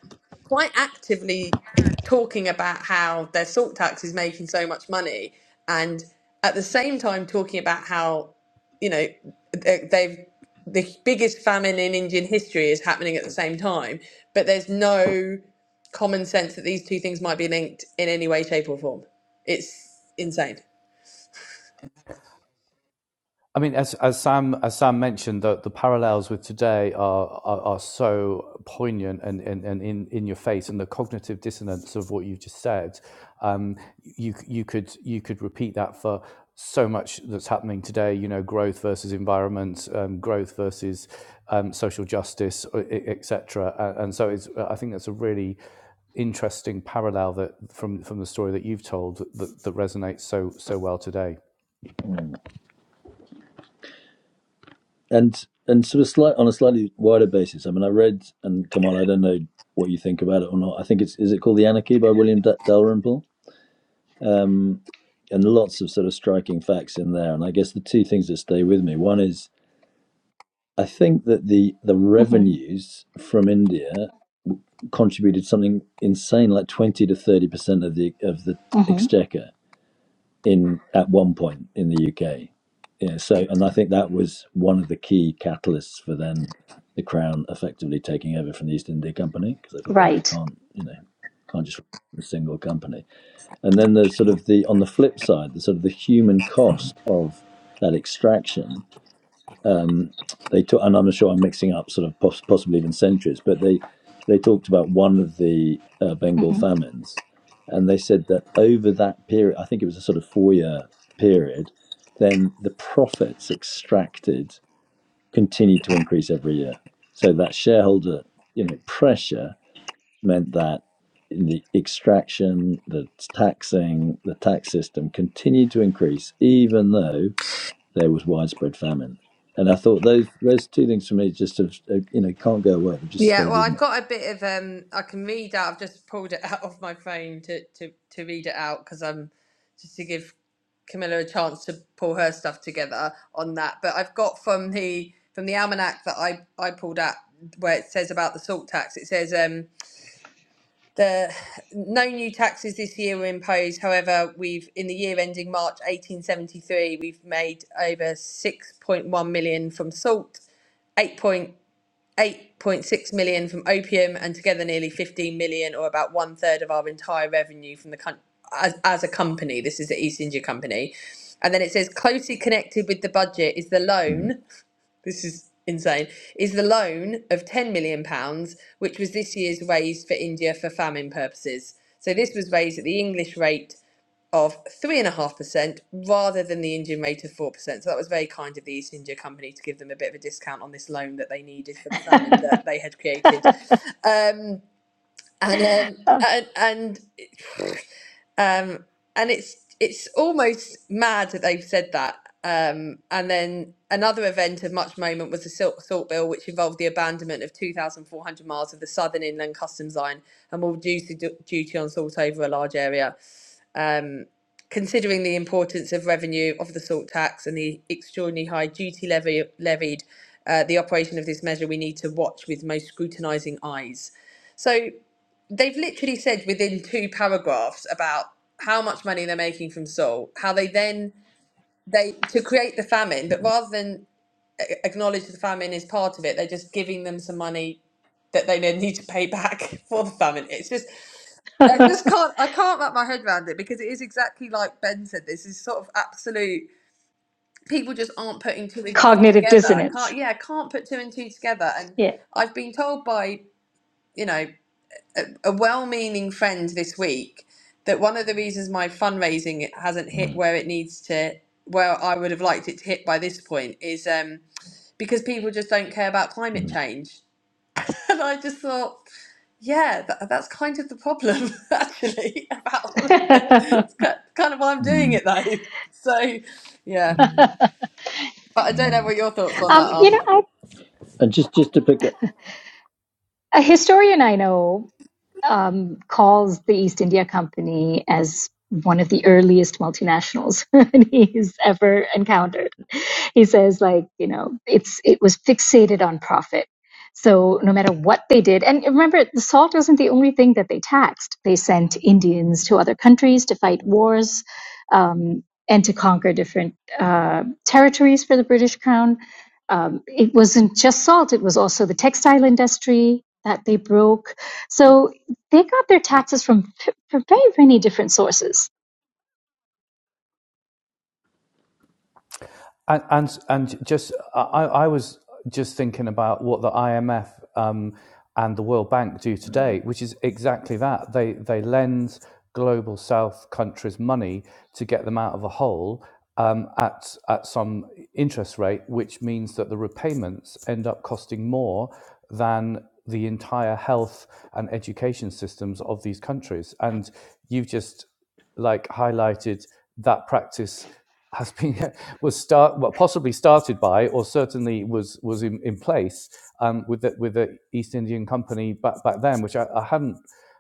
D: quite actively talking about how their salt tax is making so much money, and at the same time talking about how you know they- they've the biggest famine in Indian history is happening at the same time, but there's no common sense that these two things might be linked in any way, shape, or form. It's insane.
F: I mean, as, as Sam as Sam mentioned, the, the parallels with today are, are are so poignant and and, and in, in your face, and the cognitive dissonance of what you just said. Um, you you could you could repeat that for so much that's happening today. You know, growth versus environment, um, growth versus um, social justice, etc. And so, it's I think that's a really interesting parallel that from from the story that you've told that, that resonates so so well today.
A: and and sort of slight on a slightly wider basis. I mean, I read and come on, I don't know what you think about it or not. I think it's is it called The Anarchy by William D- Dalrymple, um, and lots of sort of striking facts in there. And I guess the two things that stay with me one is I
C: hmm
A: think that the the revenues from India contributed something insane, like twenty to thirty percent of the of the
C: hmm
A: exchequer. in at one point in the UK. Yeah, so and I think that was one of the key catalysts for then the Crown effectively taking over from the East India Company because they thought, well, they
C: Right.
A: can't, you know, can't just run a single company. And then there's sort of the on the flip side, the sort of the human cost of that extraction um, they talk, and I'm sure I'm mixing up sort of poss- possibly even centuries, but they they talked about one of the uh, Bengal
C: hmm
A: famines, and they said that over that period, I think it was a sort of four year period, then the profits extracted continued to increase every year. So that shareholder you know pressure meant that in the extraction, the taxing, the tax system continued to increase, even though there was widespread famine. And I thought those those two things for me just have, uh, you know can't go away. They've just
D: Yeah,
A: stayed
D: well,
A: with
D: I've
A: me.
D: got a bit of um, I can read out. I've just pulled it out of my phone to to to read it out because I'm just to give Camilla a chance to pull her stuff together on that. But I've got from the from the almanac that I I pulled out where it says about the salt tax. It says um The no new taxes this year were imposed. However, we've in the year ending March 1873, we've made over 6.1 million from salt, 8.8.6 million from opium, and together nearly 15 million, or about one third of our entire revenue from the country as, as a company. This is the East India Company, and then it says closely connected with the budget is the
A: Mm,
D: loan. This is insane. Is the loan of ten million pounds, which was this year's raised for India for famine purposes. So this was raised at the English rate of three and a half percent rather than the Indian rate of four percent. So that was very kind of the East India Company to give them a bit of a discount on this loan that they needed for the famine that they had created. Um, and um, and and um, and it's it's almost mad that they've said that. Um, and then another event of much moment was the Silk Salt Bill, which involved the abandonment of 2,400 miles of the southern inland customs line and will reduce the du- duty on salt over a large area. Um, considering the importance of revenue of the salt tax and the extraordinarily high duty levy levied, uh, the operation of this measure we need to watch with most scrutinising eyes. So they've literally said within two paragraphs about how much money they're making from Seoul, how they then they to create the famine, but rather than a- acknowledge the famine is part of it, they're just giving them some money that they then need to pay back for the famine. It's just I just can't I can't wrap my head around it because it is exactly like Ben said. This is sort of absolute people just aren't putting two and two
C: Cognitive
D: together.
C: dissonance.
D: Can't yeah, can't put two and two together. And
C: Yeah.
D: I've been told by you know a well-meaning friend this week that one of the reasons my fundraising hasn't hit
A: mm,
D: where it needs to where I would have liked it to hit by this point is um because people just don't care about climate
A: mm,
D: change. And I just thought, yeah, that, that's kind of the problem actually about all
C: um,
D: of this. It's ki- kind of why I'm doing
A: mm,
D: it though. So, yeah. But I don't know
A: mm.
D: what your thoughts on that are.
C: you know, I,
A: And just just to pick up,
C: a historian I know um, calls the East India Company as one of the earliest multinationals he's ever encountered. He says, like, you know, it's it was fixated on profit. So no matter what they did, and remember, the salt wasn't the only thing that they taxed. They sent Indians to other countries to fight wars um, and to conquer different uh, territories for the British Crown. Um, it wasn't just salt; it was also the textile industry that they broke. So they got their taxes from from very many different sources.
F: And and, and just I, I was just thinking about what the IMF um, and the World Bank do today, which is exactly that. They they lend global South countries money to get them out of a hole um, at at some interest rate, which means that the repayments end up costing more than the entire health and education systems of these countries. And you've just like highlighted that practice has been was start well, possibly started by or certainly was was in, in place um, with the, with the East Indian Company back back then, which I, I hadn't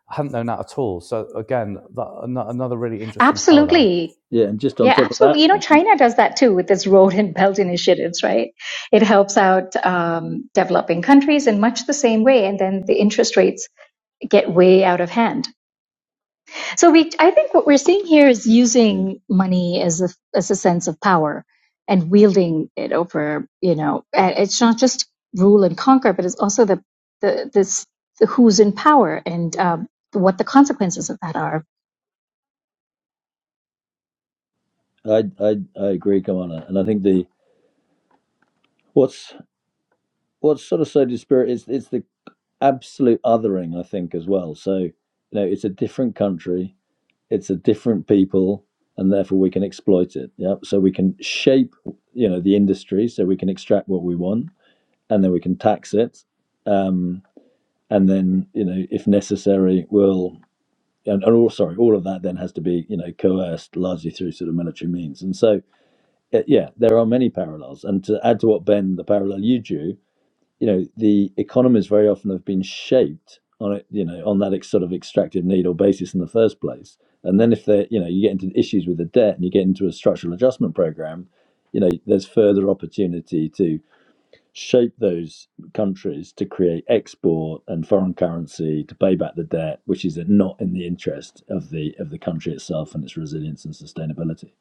F: hadn't known that at all. So again, that, another really interesting parallel.
C: Absolutely.
A: yeah, and just on
C: Yeah,
A: top of
C: absolutely.
A: that,
C: You know, China does that too with its road and belt initiatives, right? It helps out um, developing countries in much the same way, and then the interest rates get way out of hand. So we, I think what we're seeing here is
A: Ben,
C: using money as a as a sense of power and wielding it over. You know, and it's not just rule and conquer, but it's also the the this the who's in power and um, what the consequences of that are.
A: yeah, I I I agree, Kamala. And I think the what's what's sort of so dispirit is it's the absolute othering. I think as well. So you know, it's a different country, it's a different people, and therefore we can exploit it. Yeah, so we can shape you know the industry, so we can extract what we want and then we can tax it. Um, and then, you know, if necessary, we'll and, and all sorry, all of that then has to be, you know, coerced largely through sort of military means. And so, uh, yeah, there are many parallels. And to add to what Ben, the parallel you drew, you know, the economies very often have been shaped on it, you know, on that ex- sort of extractive need or basis in the first place. And then if they, are you know, you get into issues with the debt and you get into a structural adjustment program, you know, there's further opportunity to shape those countries to create export and foreign currency to pay back the debt, which is not in the interest of the of the country itself and its resilience and sustainability.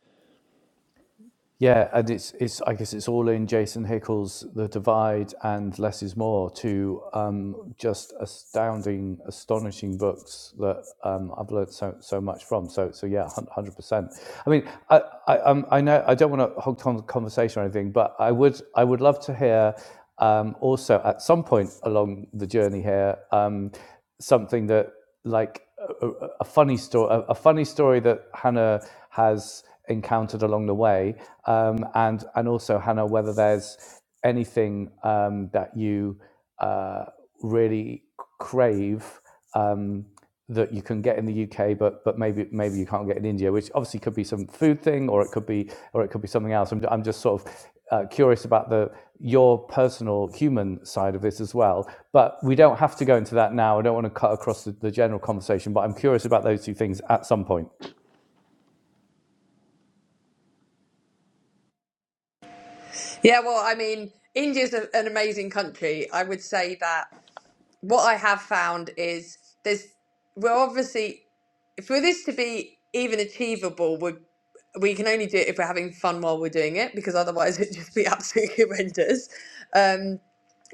F: Yeah, and it's it's I guess it's all in Jason Hickel's The Divide and Less Is More, two um, just astounding, astonishing books that um, I've learned so so much from. So so yeah, hundred percent. I mean, I I, um, I know I don't want to hog con- conversation or anything, but I would I would love to hear um, also at some point along the journey here um, something that like a, a- funny story, a, a funny story that Hannah has encountered along the way, um, and and also Hannah, whether there's anything um, that you uh, really crave. Um, that you can get in the UK, but but maybe maybe you can't get in India, which obviously could be some food thing, or it could be or it could be something else. I'm, I'm just sort of uh, curious about the your personal human side of this as well. But we don't have to go into that now. I don't want to cut across the, the general conversation, but I'm curious about those two things at some point.
D: Yeah, well, I mean, India's a, an amazing country. I would say that what I have found is there's we're obviously for this to be even achievable, we we can only do it if we're having fun while we're doing it because otherwise it'd just be absolutely horrendous. Um,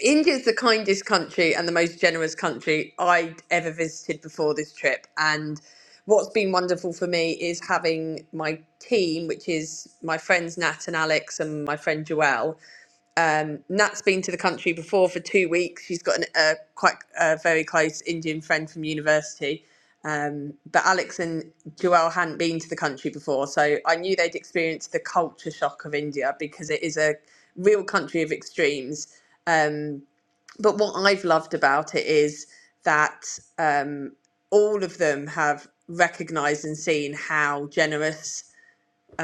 D: India's the kindest country and the most generous country I'd ever visited before this trip, and what's been wonderful for me is having my team, which is my friends Nat and Alex and my friend Joelle. Um, Nat's been to the country before for two weeks. She's got an, a quite a very close Indian friend from university. Um, but Alex and Joelle hadn't been to the country before, so I knew they'd experienced the culture shock of India because it is a real country of extremes. Um, but what I've loved about it is that um, all of them have recognised and seen how generous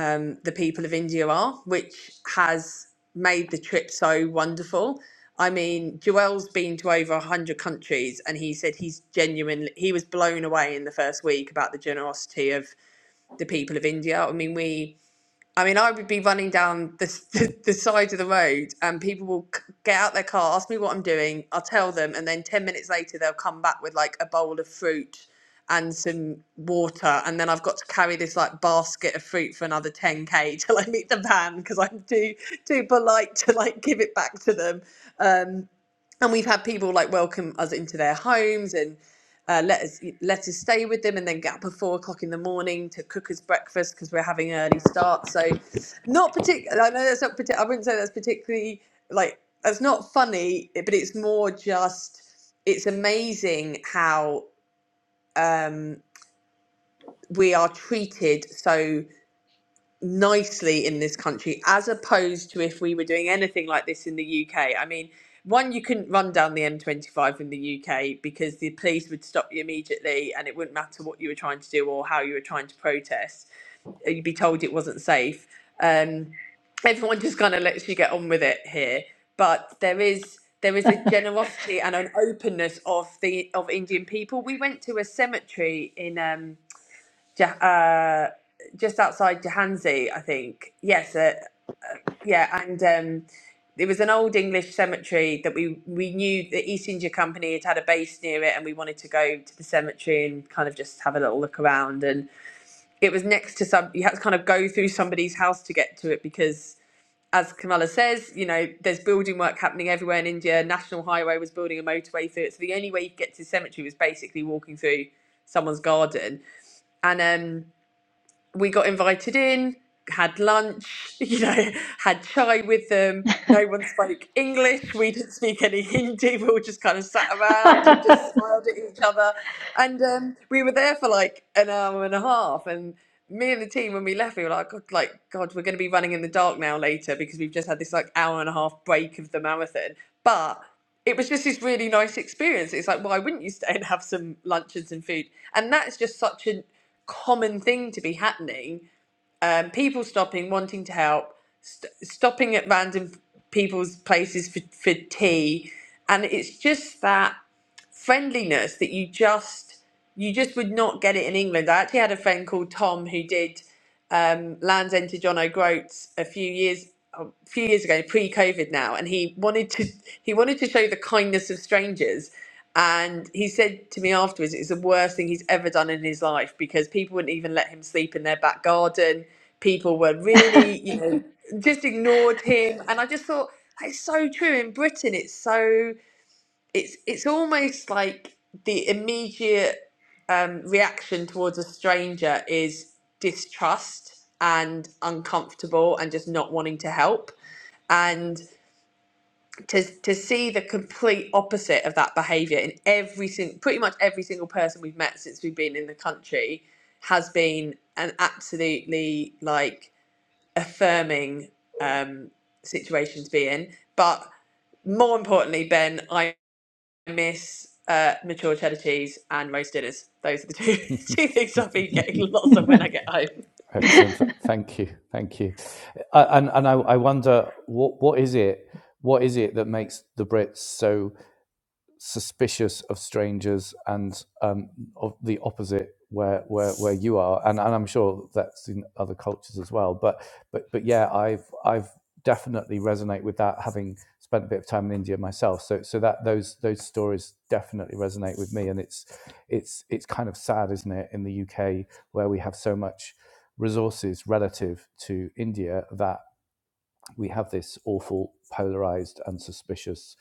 D: um, the people of India are, which has made the trip so wonderful. I mean, Joel's been to over 100 countries, and he said he's genuinely, he was blown away in the first week about the generosity of the people of India. I mean, we I mean, I would be running down the, the, the side of the road and people will c- get out their car, ask me what I'm doing. I'll tell them. And then 10 minutes later, they'll come back with like a bowl of fruit and some water. And then I've got to carry this like basket of fruit for another 10K till I meet the van because I'm too, too polite to like give it back to them. Um, and we've had people like welcome us into their homes and uh, let us let us stay with them and then get up at four o'clock in the morning to cook us breakfast because we're having an early start. So, not particular. I know that's not particular. I wouldn't say that's particularly like that's not funny, but it's more just it's amazing how um, we are treated so nicely in this country as opposed to if we were doing anything like this in the UK. I mean, one, you couldn't run down the M25 in the UK because the police would stop you immediately and it wouldn't matter what you were trying to do or how you were trying to protest. You'd be told it wasn't safe. Um, everyone just kind of lets you get on with it here. But there is there is a generosity and an openness of the of Indian people. We went to a cemetery in um, Ja- uh, just outside Jahansi, I think. Yes, uh, yeah, and um, it was an old English cemetery that we we knew the East India Company had had a base near it, and we wanted to go to the cemetery and kind of just have a little look around. And it was next to some. You had to kind of go through somebody's house to get to it because. As Kamala says, you know, there's building work happening everywhere in India. National Highway was building a motorway through it. So the only way you could get to the cemetery was basically walking through someone's garden. And um, we got invited in, had lunch, you know, had chai with them. No one spoke English. We didn't speak any Hindi. We all just kind of sat around and just smiled at each other. And um, we were there for like an hour and a half. And me and the team, when we left, we were like, God, like, God, we're going to be running in the dark now later because we've just had this like hour and a half break of the marathon. But it was just this really nice experience. It's like, why wouldn't you stay and have some lunch and some food? And that's just such a common thing to be happening. Um, people stopping, wanting to help, st- stopping at random people's places for, for tea, and it's just that friendliness that you just you just would not get it in England. I actually had a friend called Tom who did um, Land's End to John O'Groats a few years a few years ago, pre-COVID now, and he wanted to he wanted to show the kindness of strangers. And he said to me afterwards, it's the worst thing he's ever done in his life because people wouldn't even let him sleep in their back garden. People were really, you know, just ignored him. And I just thought, that's so true. In Britain, it's so it's it's almost like the immediate um, reaction towards a stranger is distrust and uncomfortable and just not wanting to help and to to see the complete opposite of that behavior in every single pretty much every single person we've met since we've been in the country has been an absolutely like affirming um situation to be in but more importantly ben I miss uh, mature cheddar cheese and roast dinners. Those are the two two things I'll be getting lots of when I get home.
F: Excellent. Thank you. Thank you. Uh, and and I, I wonder what what is it what is it that makes the Brits so suspicious of strangers and um, of the opposite where where where you are and, and I'm sure that's in other cultures as well but but but yeah I've I've definitely resonate with that having spent a bit of time in India myself so so that those those stories definitely resonate with me and it's it's it's kind of sad isn't it in the UK where we have so much resources relative to India that we have this awful, polarized, and suspicious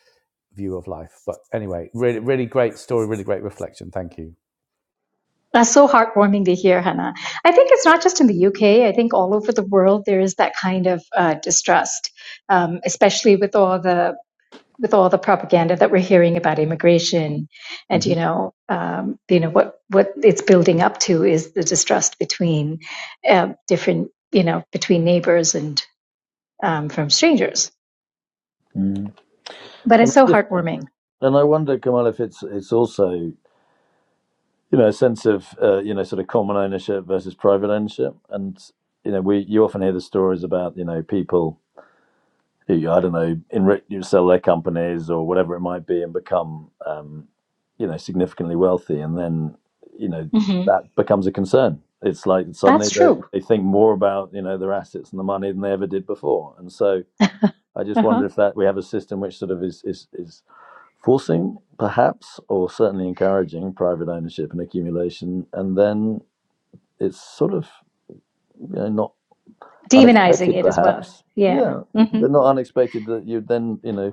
F: view of life. But anyway, really, really great story, really great reflection. Thank you.
C: That's so heartwarming to hear, Hannah. I think it's not just in the UK. I think all over the world there is that kind of uh, distrust, um, especially with all the with all the propaganda that we're hearing about immigration and
A: hmm
C: you know um, you know what what it's building up to is the distrust between uh, different you know between neighbors and um, from strangers
A: Mm.
C: but
A: And
C: it's
A: I
C: so
A: just
C: heartwarming
A: and I wonder, Kamal, if it's it's also you know a sense of uh, you know sort of common ownership versus private ownership, and you know we you often hear the stories about you know people. who I don't know enrich you sell their companies or whatever it might be and become um, you know significantly wealthy and then you know
C: hmm
A: that becomes a concern it's like suddenly
C: that's
A: they,
C: true
A: they think more about you know their assets and the money than they ever did before and so I just
C: uh-huh.
A: wonder if that we have a system which sort of is is, is forcing perhaps or certainly encouraging private ownership and accumulation and then it's sort of you know not
C: demonizing
A: unexpected
C: it as well
A: perhaps
C: yeah
A: yeah but not unexpected that you then you know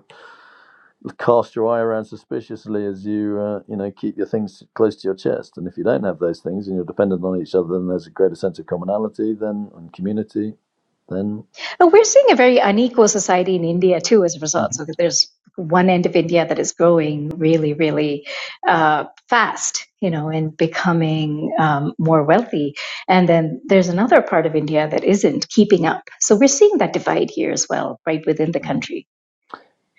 A: cast your eye around suspiciously as you uh, you know keep your things close to your chest and if you don't have those things and you're dependent on each other then there's a greater sense of commonality then and community then
C: And we're seeing a very unequal society in India too as a result.
A: Mhm.
C: So there's one end of India that is growing really, really uh, fast, you know, and becoming um, more wealthy. And then there's another part of India that isn't keeping up. So we're seeing that divide here as well, right within the
A: Mm.
C: country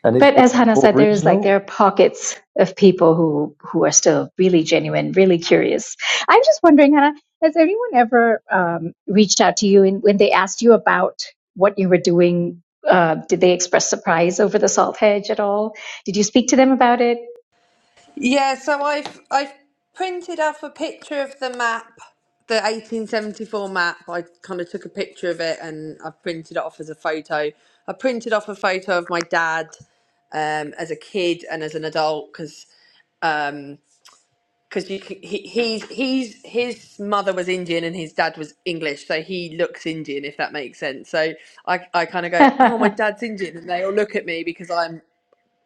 A: and is,
C: but
A: is
C: as
A: that
C: Hannah
A: more
C: said, there's like
A: regional
C: there are pockets of people who who are still really genuine, really curious. I'm just wondering, Hannah, has anyone ever um, reached out to you and when they asked you about what you were doing? Uh, did they express surprise over the salt hedge at all? Did you speak to them about it?
D: Yeah, so I've I've printed off a picture of the map, the 1874 map. I kind of took a picture of it and I've printed it off as a photo. I printed off a photo of my dad um, as a kid and as an adult because um, because you c- he, he's he's his mother was Indian and his dad was English, so he looks Indian if that makes sense. So I I kind of go, oh, my dad's Indian, and they all look at me because I'm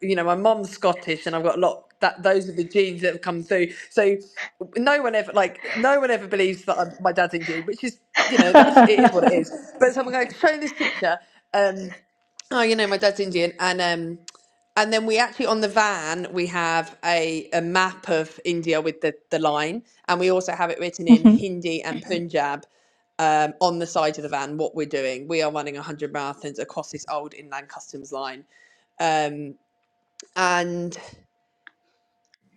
D: you know, my mum's Scottish, and I've got a lot that those are the genes that have come through. So no one ever like no one ever believes that I'm, my dad's Indian, which is you know that's it is what it is. But so I'm going to show this picture. Um, oh, you know, my dad's Indian, and um, and then we actually on the van we have a, a map of India with the the line, and we also have it written in
C: you
D: Hindi and Punjab um, on the side of the van what we're doing. We are running 100 marathons across this old inland customs line. and.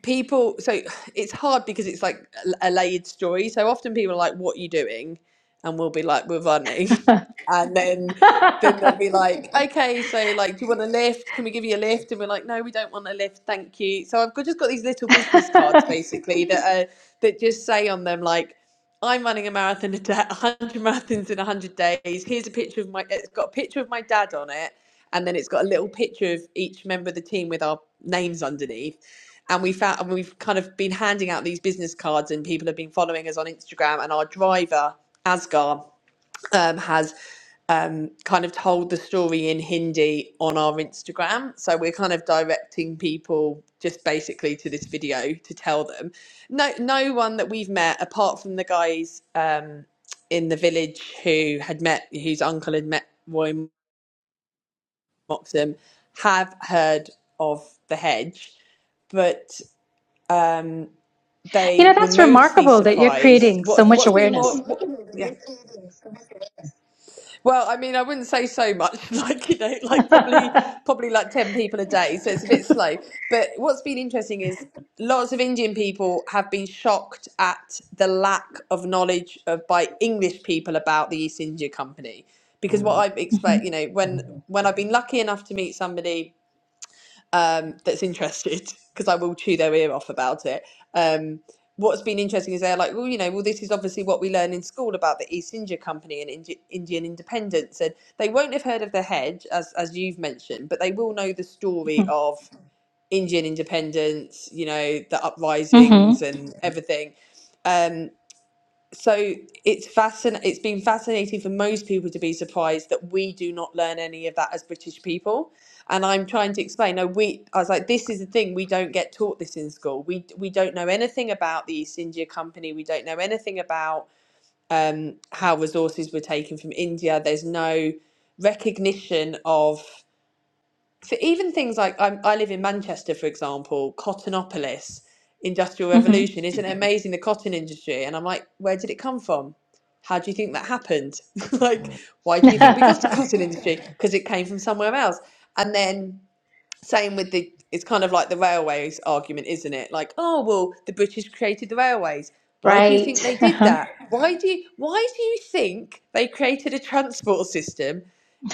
D: people so it's hard because it's like a a layered story so often people are like what are you doing and we'll be like we're running and then then they'll be like okay so like do you want a lift can we give you a lift and we're like no we don't want a lift thank you so i've got, just got these little business cards basically that are that just say on them like I'm running a marathon a day, 100 marathons in 100 days. Here's a picture of my, it's got a picture of my dad on it. And then it's got a little picture of each member of the team with our names underneath and we found and we've kind of been handing out these business cards and people have been following us on instagram and our driver asgar um, has um, kind of told the story in hindi on our instagram so we're kind of directing people just basically to this video to tell them no no one that we've met apart from the guys um, in the village who had met whose uncle had met roy moxham have heard of the hedge but
C: know,
D: they were
C: that's
D: mostly
C: remarkable that you're
D: surprised.
C: creating
D: What
C: so much
D: what's been more?
C: awareness.
D: What, yeah. Well, I mean, I wouldn't say so much. Like you know, like probably probably like ten people a day, so it's a bit slow. But what's been interesting is lots of Indian people have been shocked at the lack of knowledge of by English people about the East India Company. Because what
A: Mm,
D: I've expect, you
C: hmm
D: know, when when I've been lucky enough to meet somebody um, that's interested because I will chew their ear off about it. Um, what's been interesting is they're like, well, you know, well, this is obviously what we learn in school about the East India Company and Indi- Indian independence, and they won't have heard of the hedge as as you've mentioned, but they will know the story of Indian independence, you know, the uprisings and everything. Um, so it's fascin- it's been fascinating for most people to be surprised that we do not learn any of that as british people and i'm trying to explain no we i was like this is the thing we don't get taught this in school we we don't know anything about the east india company we don't know anything about um, how resources were taken from india there's no recognition of so even things like I'm, I live in Manchester, for example, Cottonopolis, Industrial
C: hmm
D: Revolution. Isn't it amazing the cotton industry? And I'm like, where did it come from? How do you think that happened? like,
A: mm,
D: why do you think we got a cotton industry? Because it came from somewhere else. And then same with the, it's kind of like the railways argument, isn't it? Like, oh well, the British created the railways. Why do you think they
C: right.
D: did
C: Uh-huh.
D: that? Why do you, why do you think they created a transport system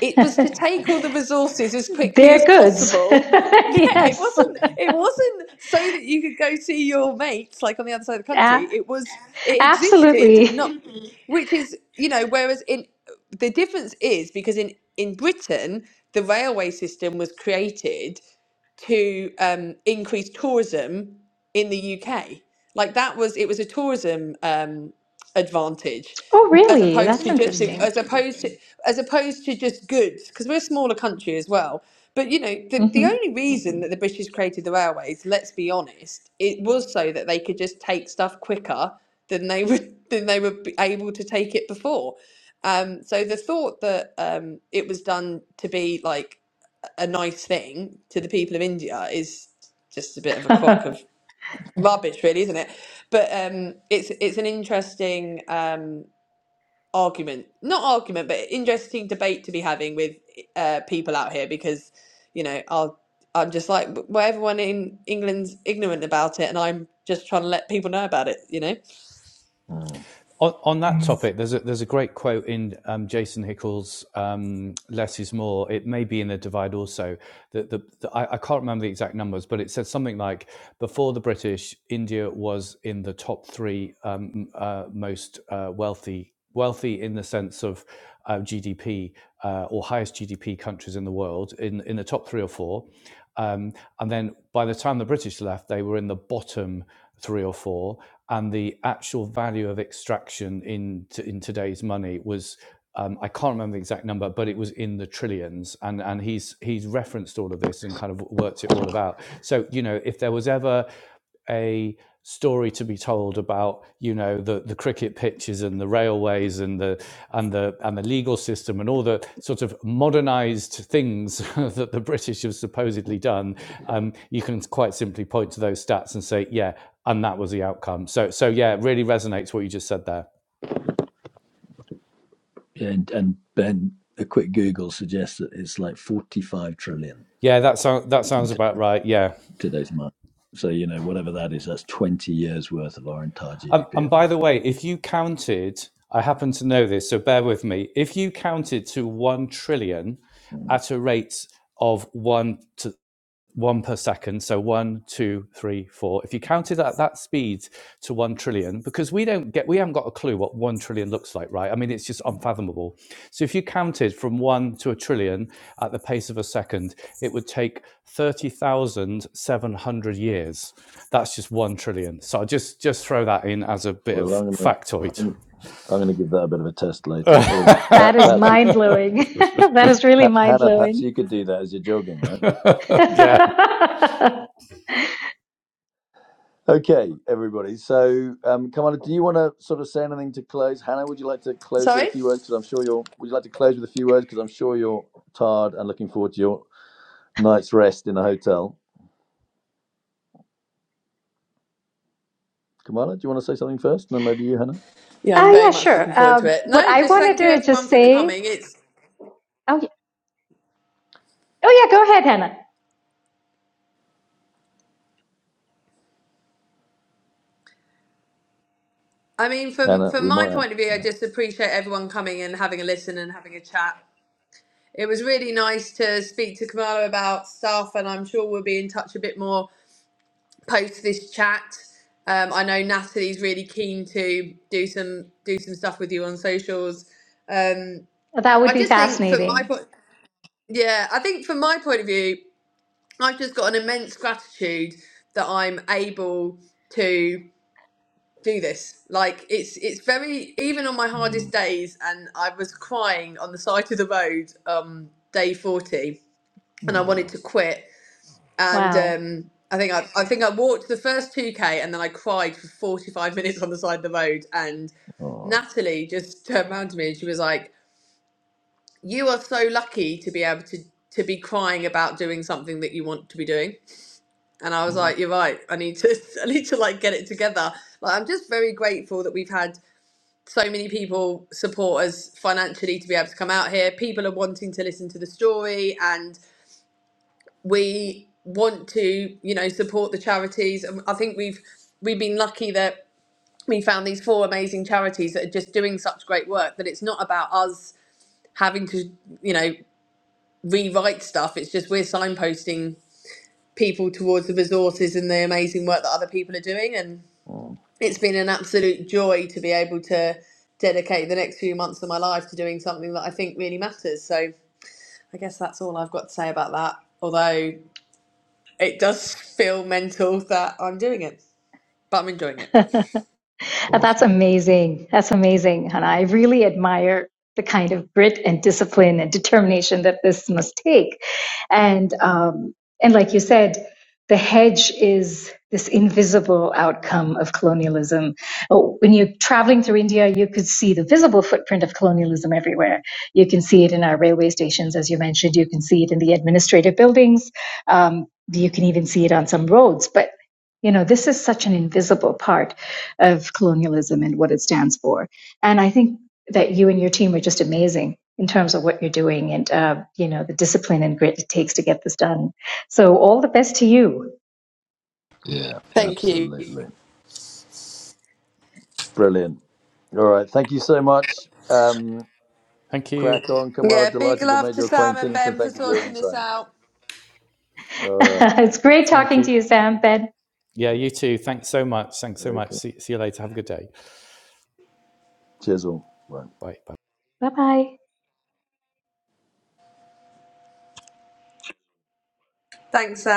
D: it was to take all the resources as quickly
C: They're
D: as
C: goods.
D: possible. Yeah, it
A: mm,
C: yes,
D: wasn't. It wasn't so that you could go see your mates like on the other side of the country.
C: A-
D: It was. It existed not,
C: absolutely.
D: which is you know. Whereas in the difference is because in in Britain the railway system was created to um, increase tourism in the UK. Like that was it was a tourism. um, advantage
C: Oh,
D: as
C: really?
D: opposed
C: That's
D: to just Mm,
C: interesting.
D: as opposed to as opposed to just goods because we're a smaller country as well but you know the, the
C: hmm
D: only reason that the british created the railways let's be honest it was so that they could just take stuff quicker than they would than they were b- able to take it before um, so the thought that um, it was done to be like a nice thing to the people of india is just a bit of a crock of rubbish, really, isn't it? But um, it's it's an interesting um, argument, not argument, but interesting debate to be having with uh, people out here because you know I'll. I'm just like well, everyone in England's ignorant about it, and I'm just trying to let people know about it. You know,
A: mm.
F: On, on that topic, there's a, there's a great quote in um, Jason Hickel's um, "Less is More." It may be in the Divide also. That the, the I, I can't remember the exact numbers, but it said something like Before the British, India was in the top three um, uh, most uh, wealthy, wealthy in the sense of uh, GDP uh, or highest GDP countries in the world, in, in the top three or four. Um, and then by the time the British left, they were in the bottom three or four. And the actual value of extraction in, t- in today's money was um, I can't remember the exact number, but it was in the trillions. And and he's he's referenced all of this and kind of worked it all out. So you know, if there was ever a story to be told about you know the the cricket pitches and the railways and the and the and the legal system and all the sort of modernized things that the british have supposedly done um you can quite simply point to those stats and say yeah and that was the outcome so so yeah it really resonates what you just said there
A: And and Ben, a quick Google suggests that it's like 45 trillion
F: yeah that sounds that
A: in
F: sounds
A: t-
F: about right yeah
A: today's money. So you know, whatever that is, that's 20 years worth of our entire
F: Um,
A: GDP
F: and
A: at the
F: by the
A: moment.
F: way, if you counted, I happen to know this, so bear with me. If you counted to 1 trillion
A: Mm-hmm.
F: at a rate of one to one per second. So one, two, three, four. If you counted at that speed to one trillion, because we don't get, we haven't got a clue what one trillion looks like, right? I mean, it's just unfathomable. So if you counted from one to a trillion at the pace of a second, it would take 30,700 years. That's just one trillion. So I'll just, just throw that in as a bit of
A: Well, I'm gonna
F: factoid.
A: I'm, I'm gonna give that a bit of a test later. Or
C: that
A: Pat,
C: is
A: perhaps you,
C: mind blowing. that is really
A: Pat,
C: mind
A: Hannah, perhaps
C: blowing.
A: you could do that as you're jogging, right?
F: yeah.
C: uh,
A: Okay, everybody. So, um, Kamala, do you want to sort of say anything to close? Hannah, would you like to close with a
D: sorry.
A: few words? Because I'm sure you're. Would you like to close with a few words? Because I'm sure you're tired and looking forward to your night's rest in a hotel. Kamala, do you want to say something first, and then maybe you, Hannah?
D: Yeah, I'm very
C: yeah,
D: much looking
C: sure.
D: forward to
C: Um,
D: it.
C: what
D: No,
C: I
D: just
C: wanted
D: thank you
C: to
D: everyone
C: just
D: for
C: say.
D: coming. It's,
C: Oh, yeah. oh, yeah. Go ahead, Hannah.
D: I mean, from
A: Hannah,
D: from
A: we
D: my
A: might have.
D: point of view, I just appreciate everyone coming and having a listen and having a chat. It was really nice to speak to Kamala about stuff, and I'm sure we'll be in touch a bit more post this chat. Um, I know Natalie's really keen to do some do some stuff with you on socials. Um,
C: That would
D: I
C: be
D: just think from my
C: fascinating.
D: point, yeah, I think from my point of view, I've just got an immense gratitude that I'm able to do this. Like it's it's very even on my
A: Mm.
D: hardest days, and I was crying on the side of the road um, day forty, and I wanted
A: Oh,
D: to quit and
C: Wow.
D: um, I think I, I think I walked the first two k, and then I cried for forty five minutes on the side of the road. And
A: oh,
D: Natalie just turned around to me and she was like, "You are so lucky to be able to to be crying about doing something that you want to be doing." And I was
A: oh,
D: like, "You're right. I need to I need to like get it together." Like I'm just very grateful that we've had so many people support us financially to be able to come out here. People are wanting to listen to the story, and. we want to you know support the charities and i think we've we've been lucky that we found these four amazing charities that are just doing such great work that it's not about us having to you know rewrite stuff it's just we're signposting people towards the resources and the amazing work that other people are doing and
A: oh.
D: it's been an absolute joy to be able to dedicate the next few months of my life to doing something that i think really matters so i guess that's all i've got to say about that although It does feel mental that I'm doing it, but I'm enjoying it.
C: Uh, That's
A: Awesome.
C: amazing. That's amazing, Hannah. I really admire the kind of grit and discipline and determination that this must take. And um, and like you said, the hedge is this invisible outcome of colonialism. Oh, When you're traveling through India, you could see the visible footprint of colonialism everywhere. You can see it in our railway stations, as you mentioned. You can see it in the administrative buildings. Um, you can even see it on some roads. But you know, this is such an invisible part of colonialism and what it stands for. And I think that you and your team are just amazing in terms of what you're doing and uh, you know the discipline and grit it takes to get this done. So all the best to you.
A: Yeah,
D: Thank you.
A: absolutely. Brilliant. All right. Thank you so much. Um,
F: Thank you.
A: crack on, Kamala.
D: Yeah, big
A: Delighted to have
D: love
A: made
D: to
A: your
D: Sam and
A: acquaintance and
D: Ben for
A: thank you for your
D: sorting this
A: insight.
D: out.
A: All right.
C: it's great
F: Thank
C: talking to
F: you.
C: you, Sam. Ben,
F: Yeah, you too. Thanks so much. Thanks so much.
A: Okay.
F: See, see you later. Have a good day.
A: Cheers all. Bye.
F: Bye. Bye.
C: bye bye.
D: Thanks, Sam.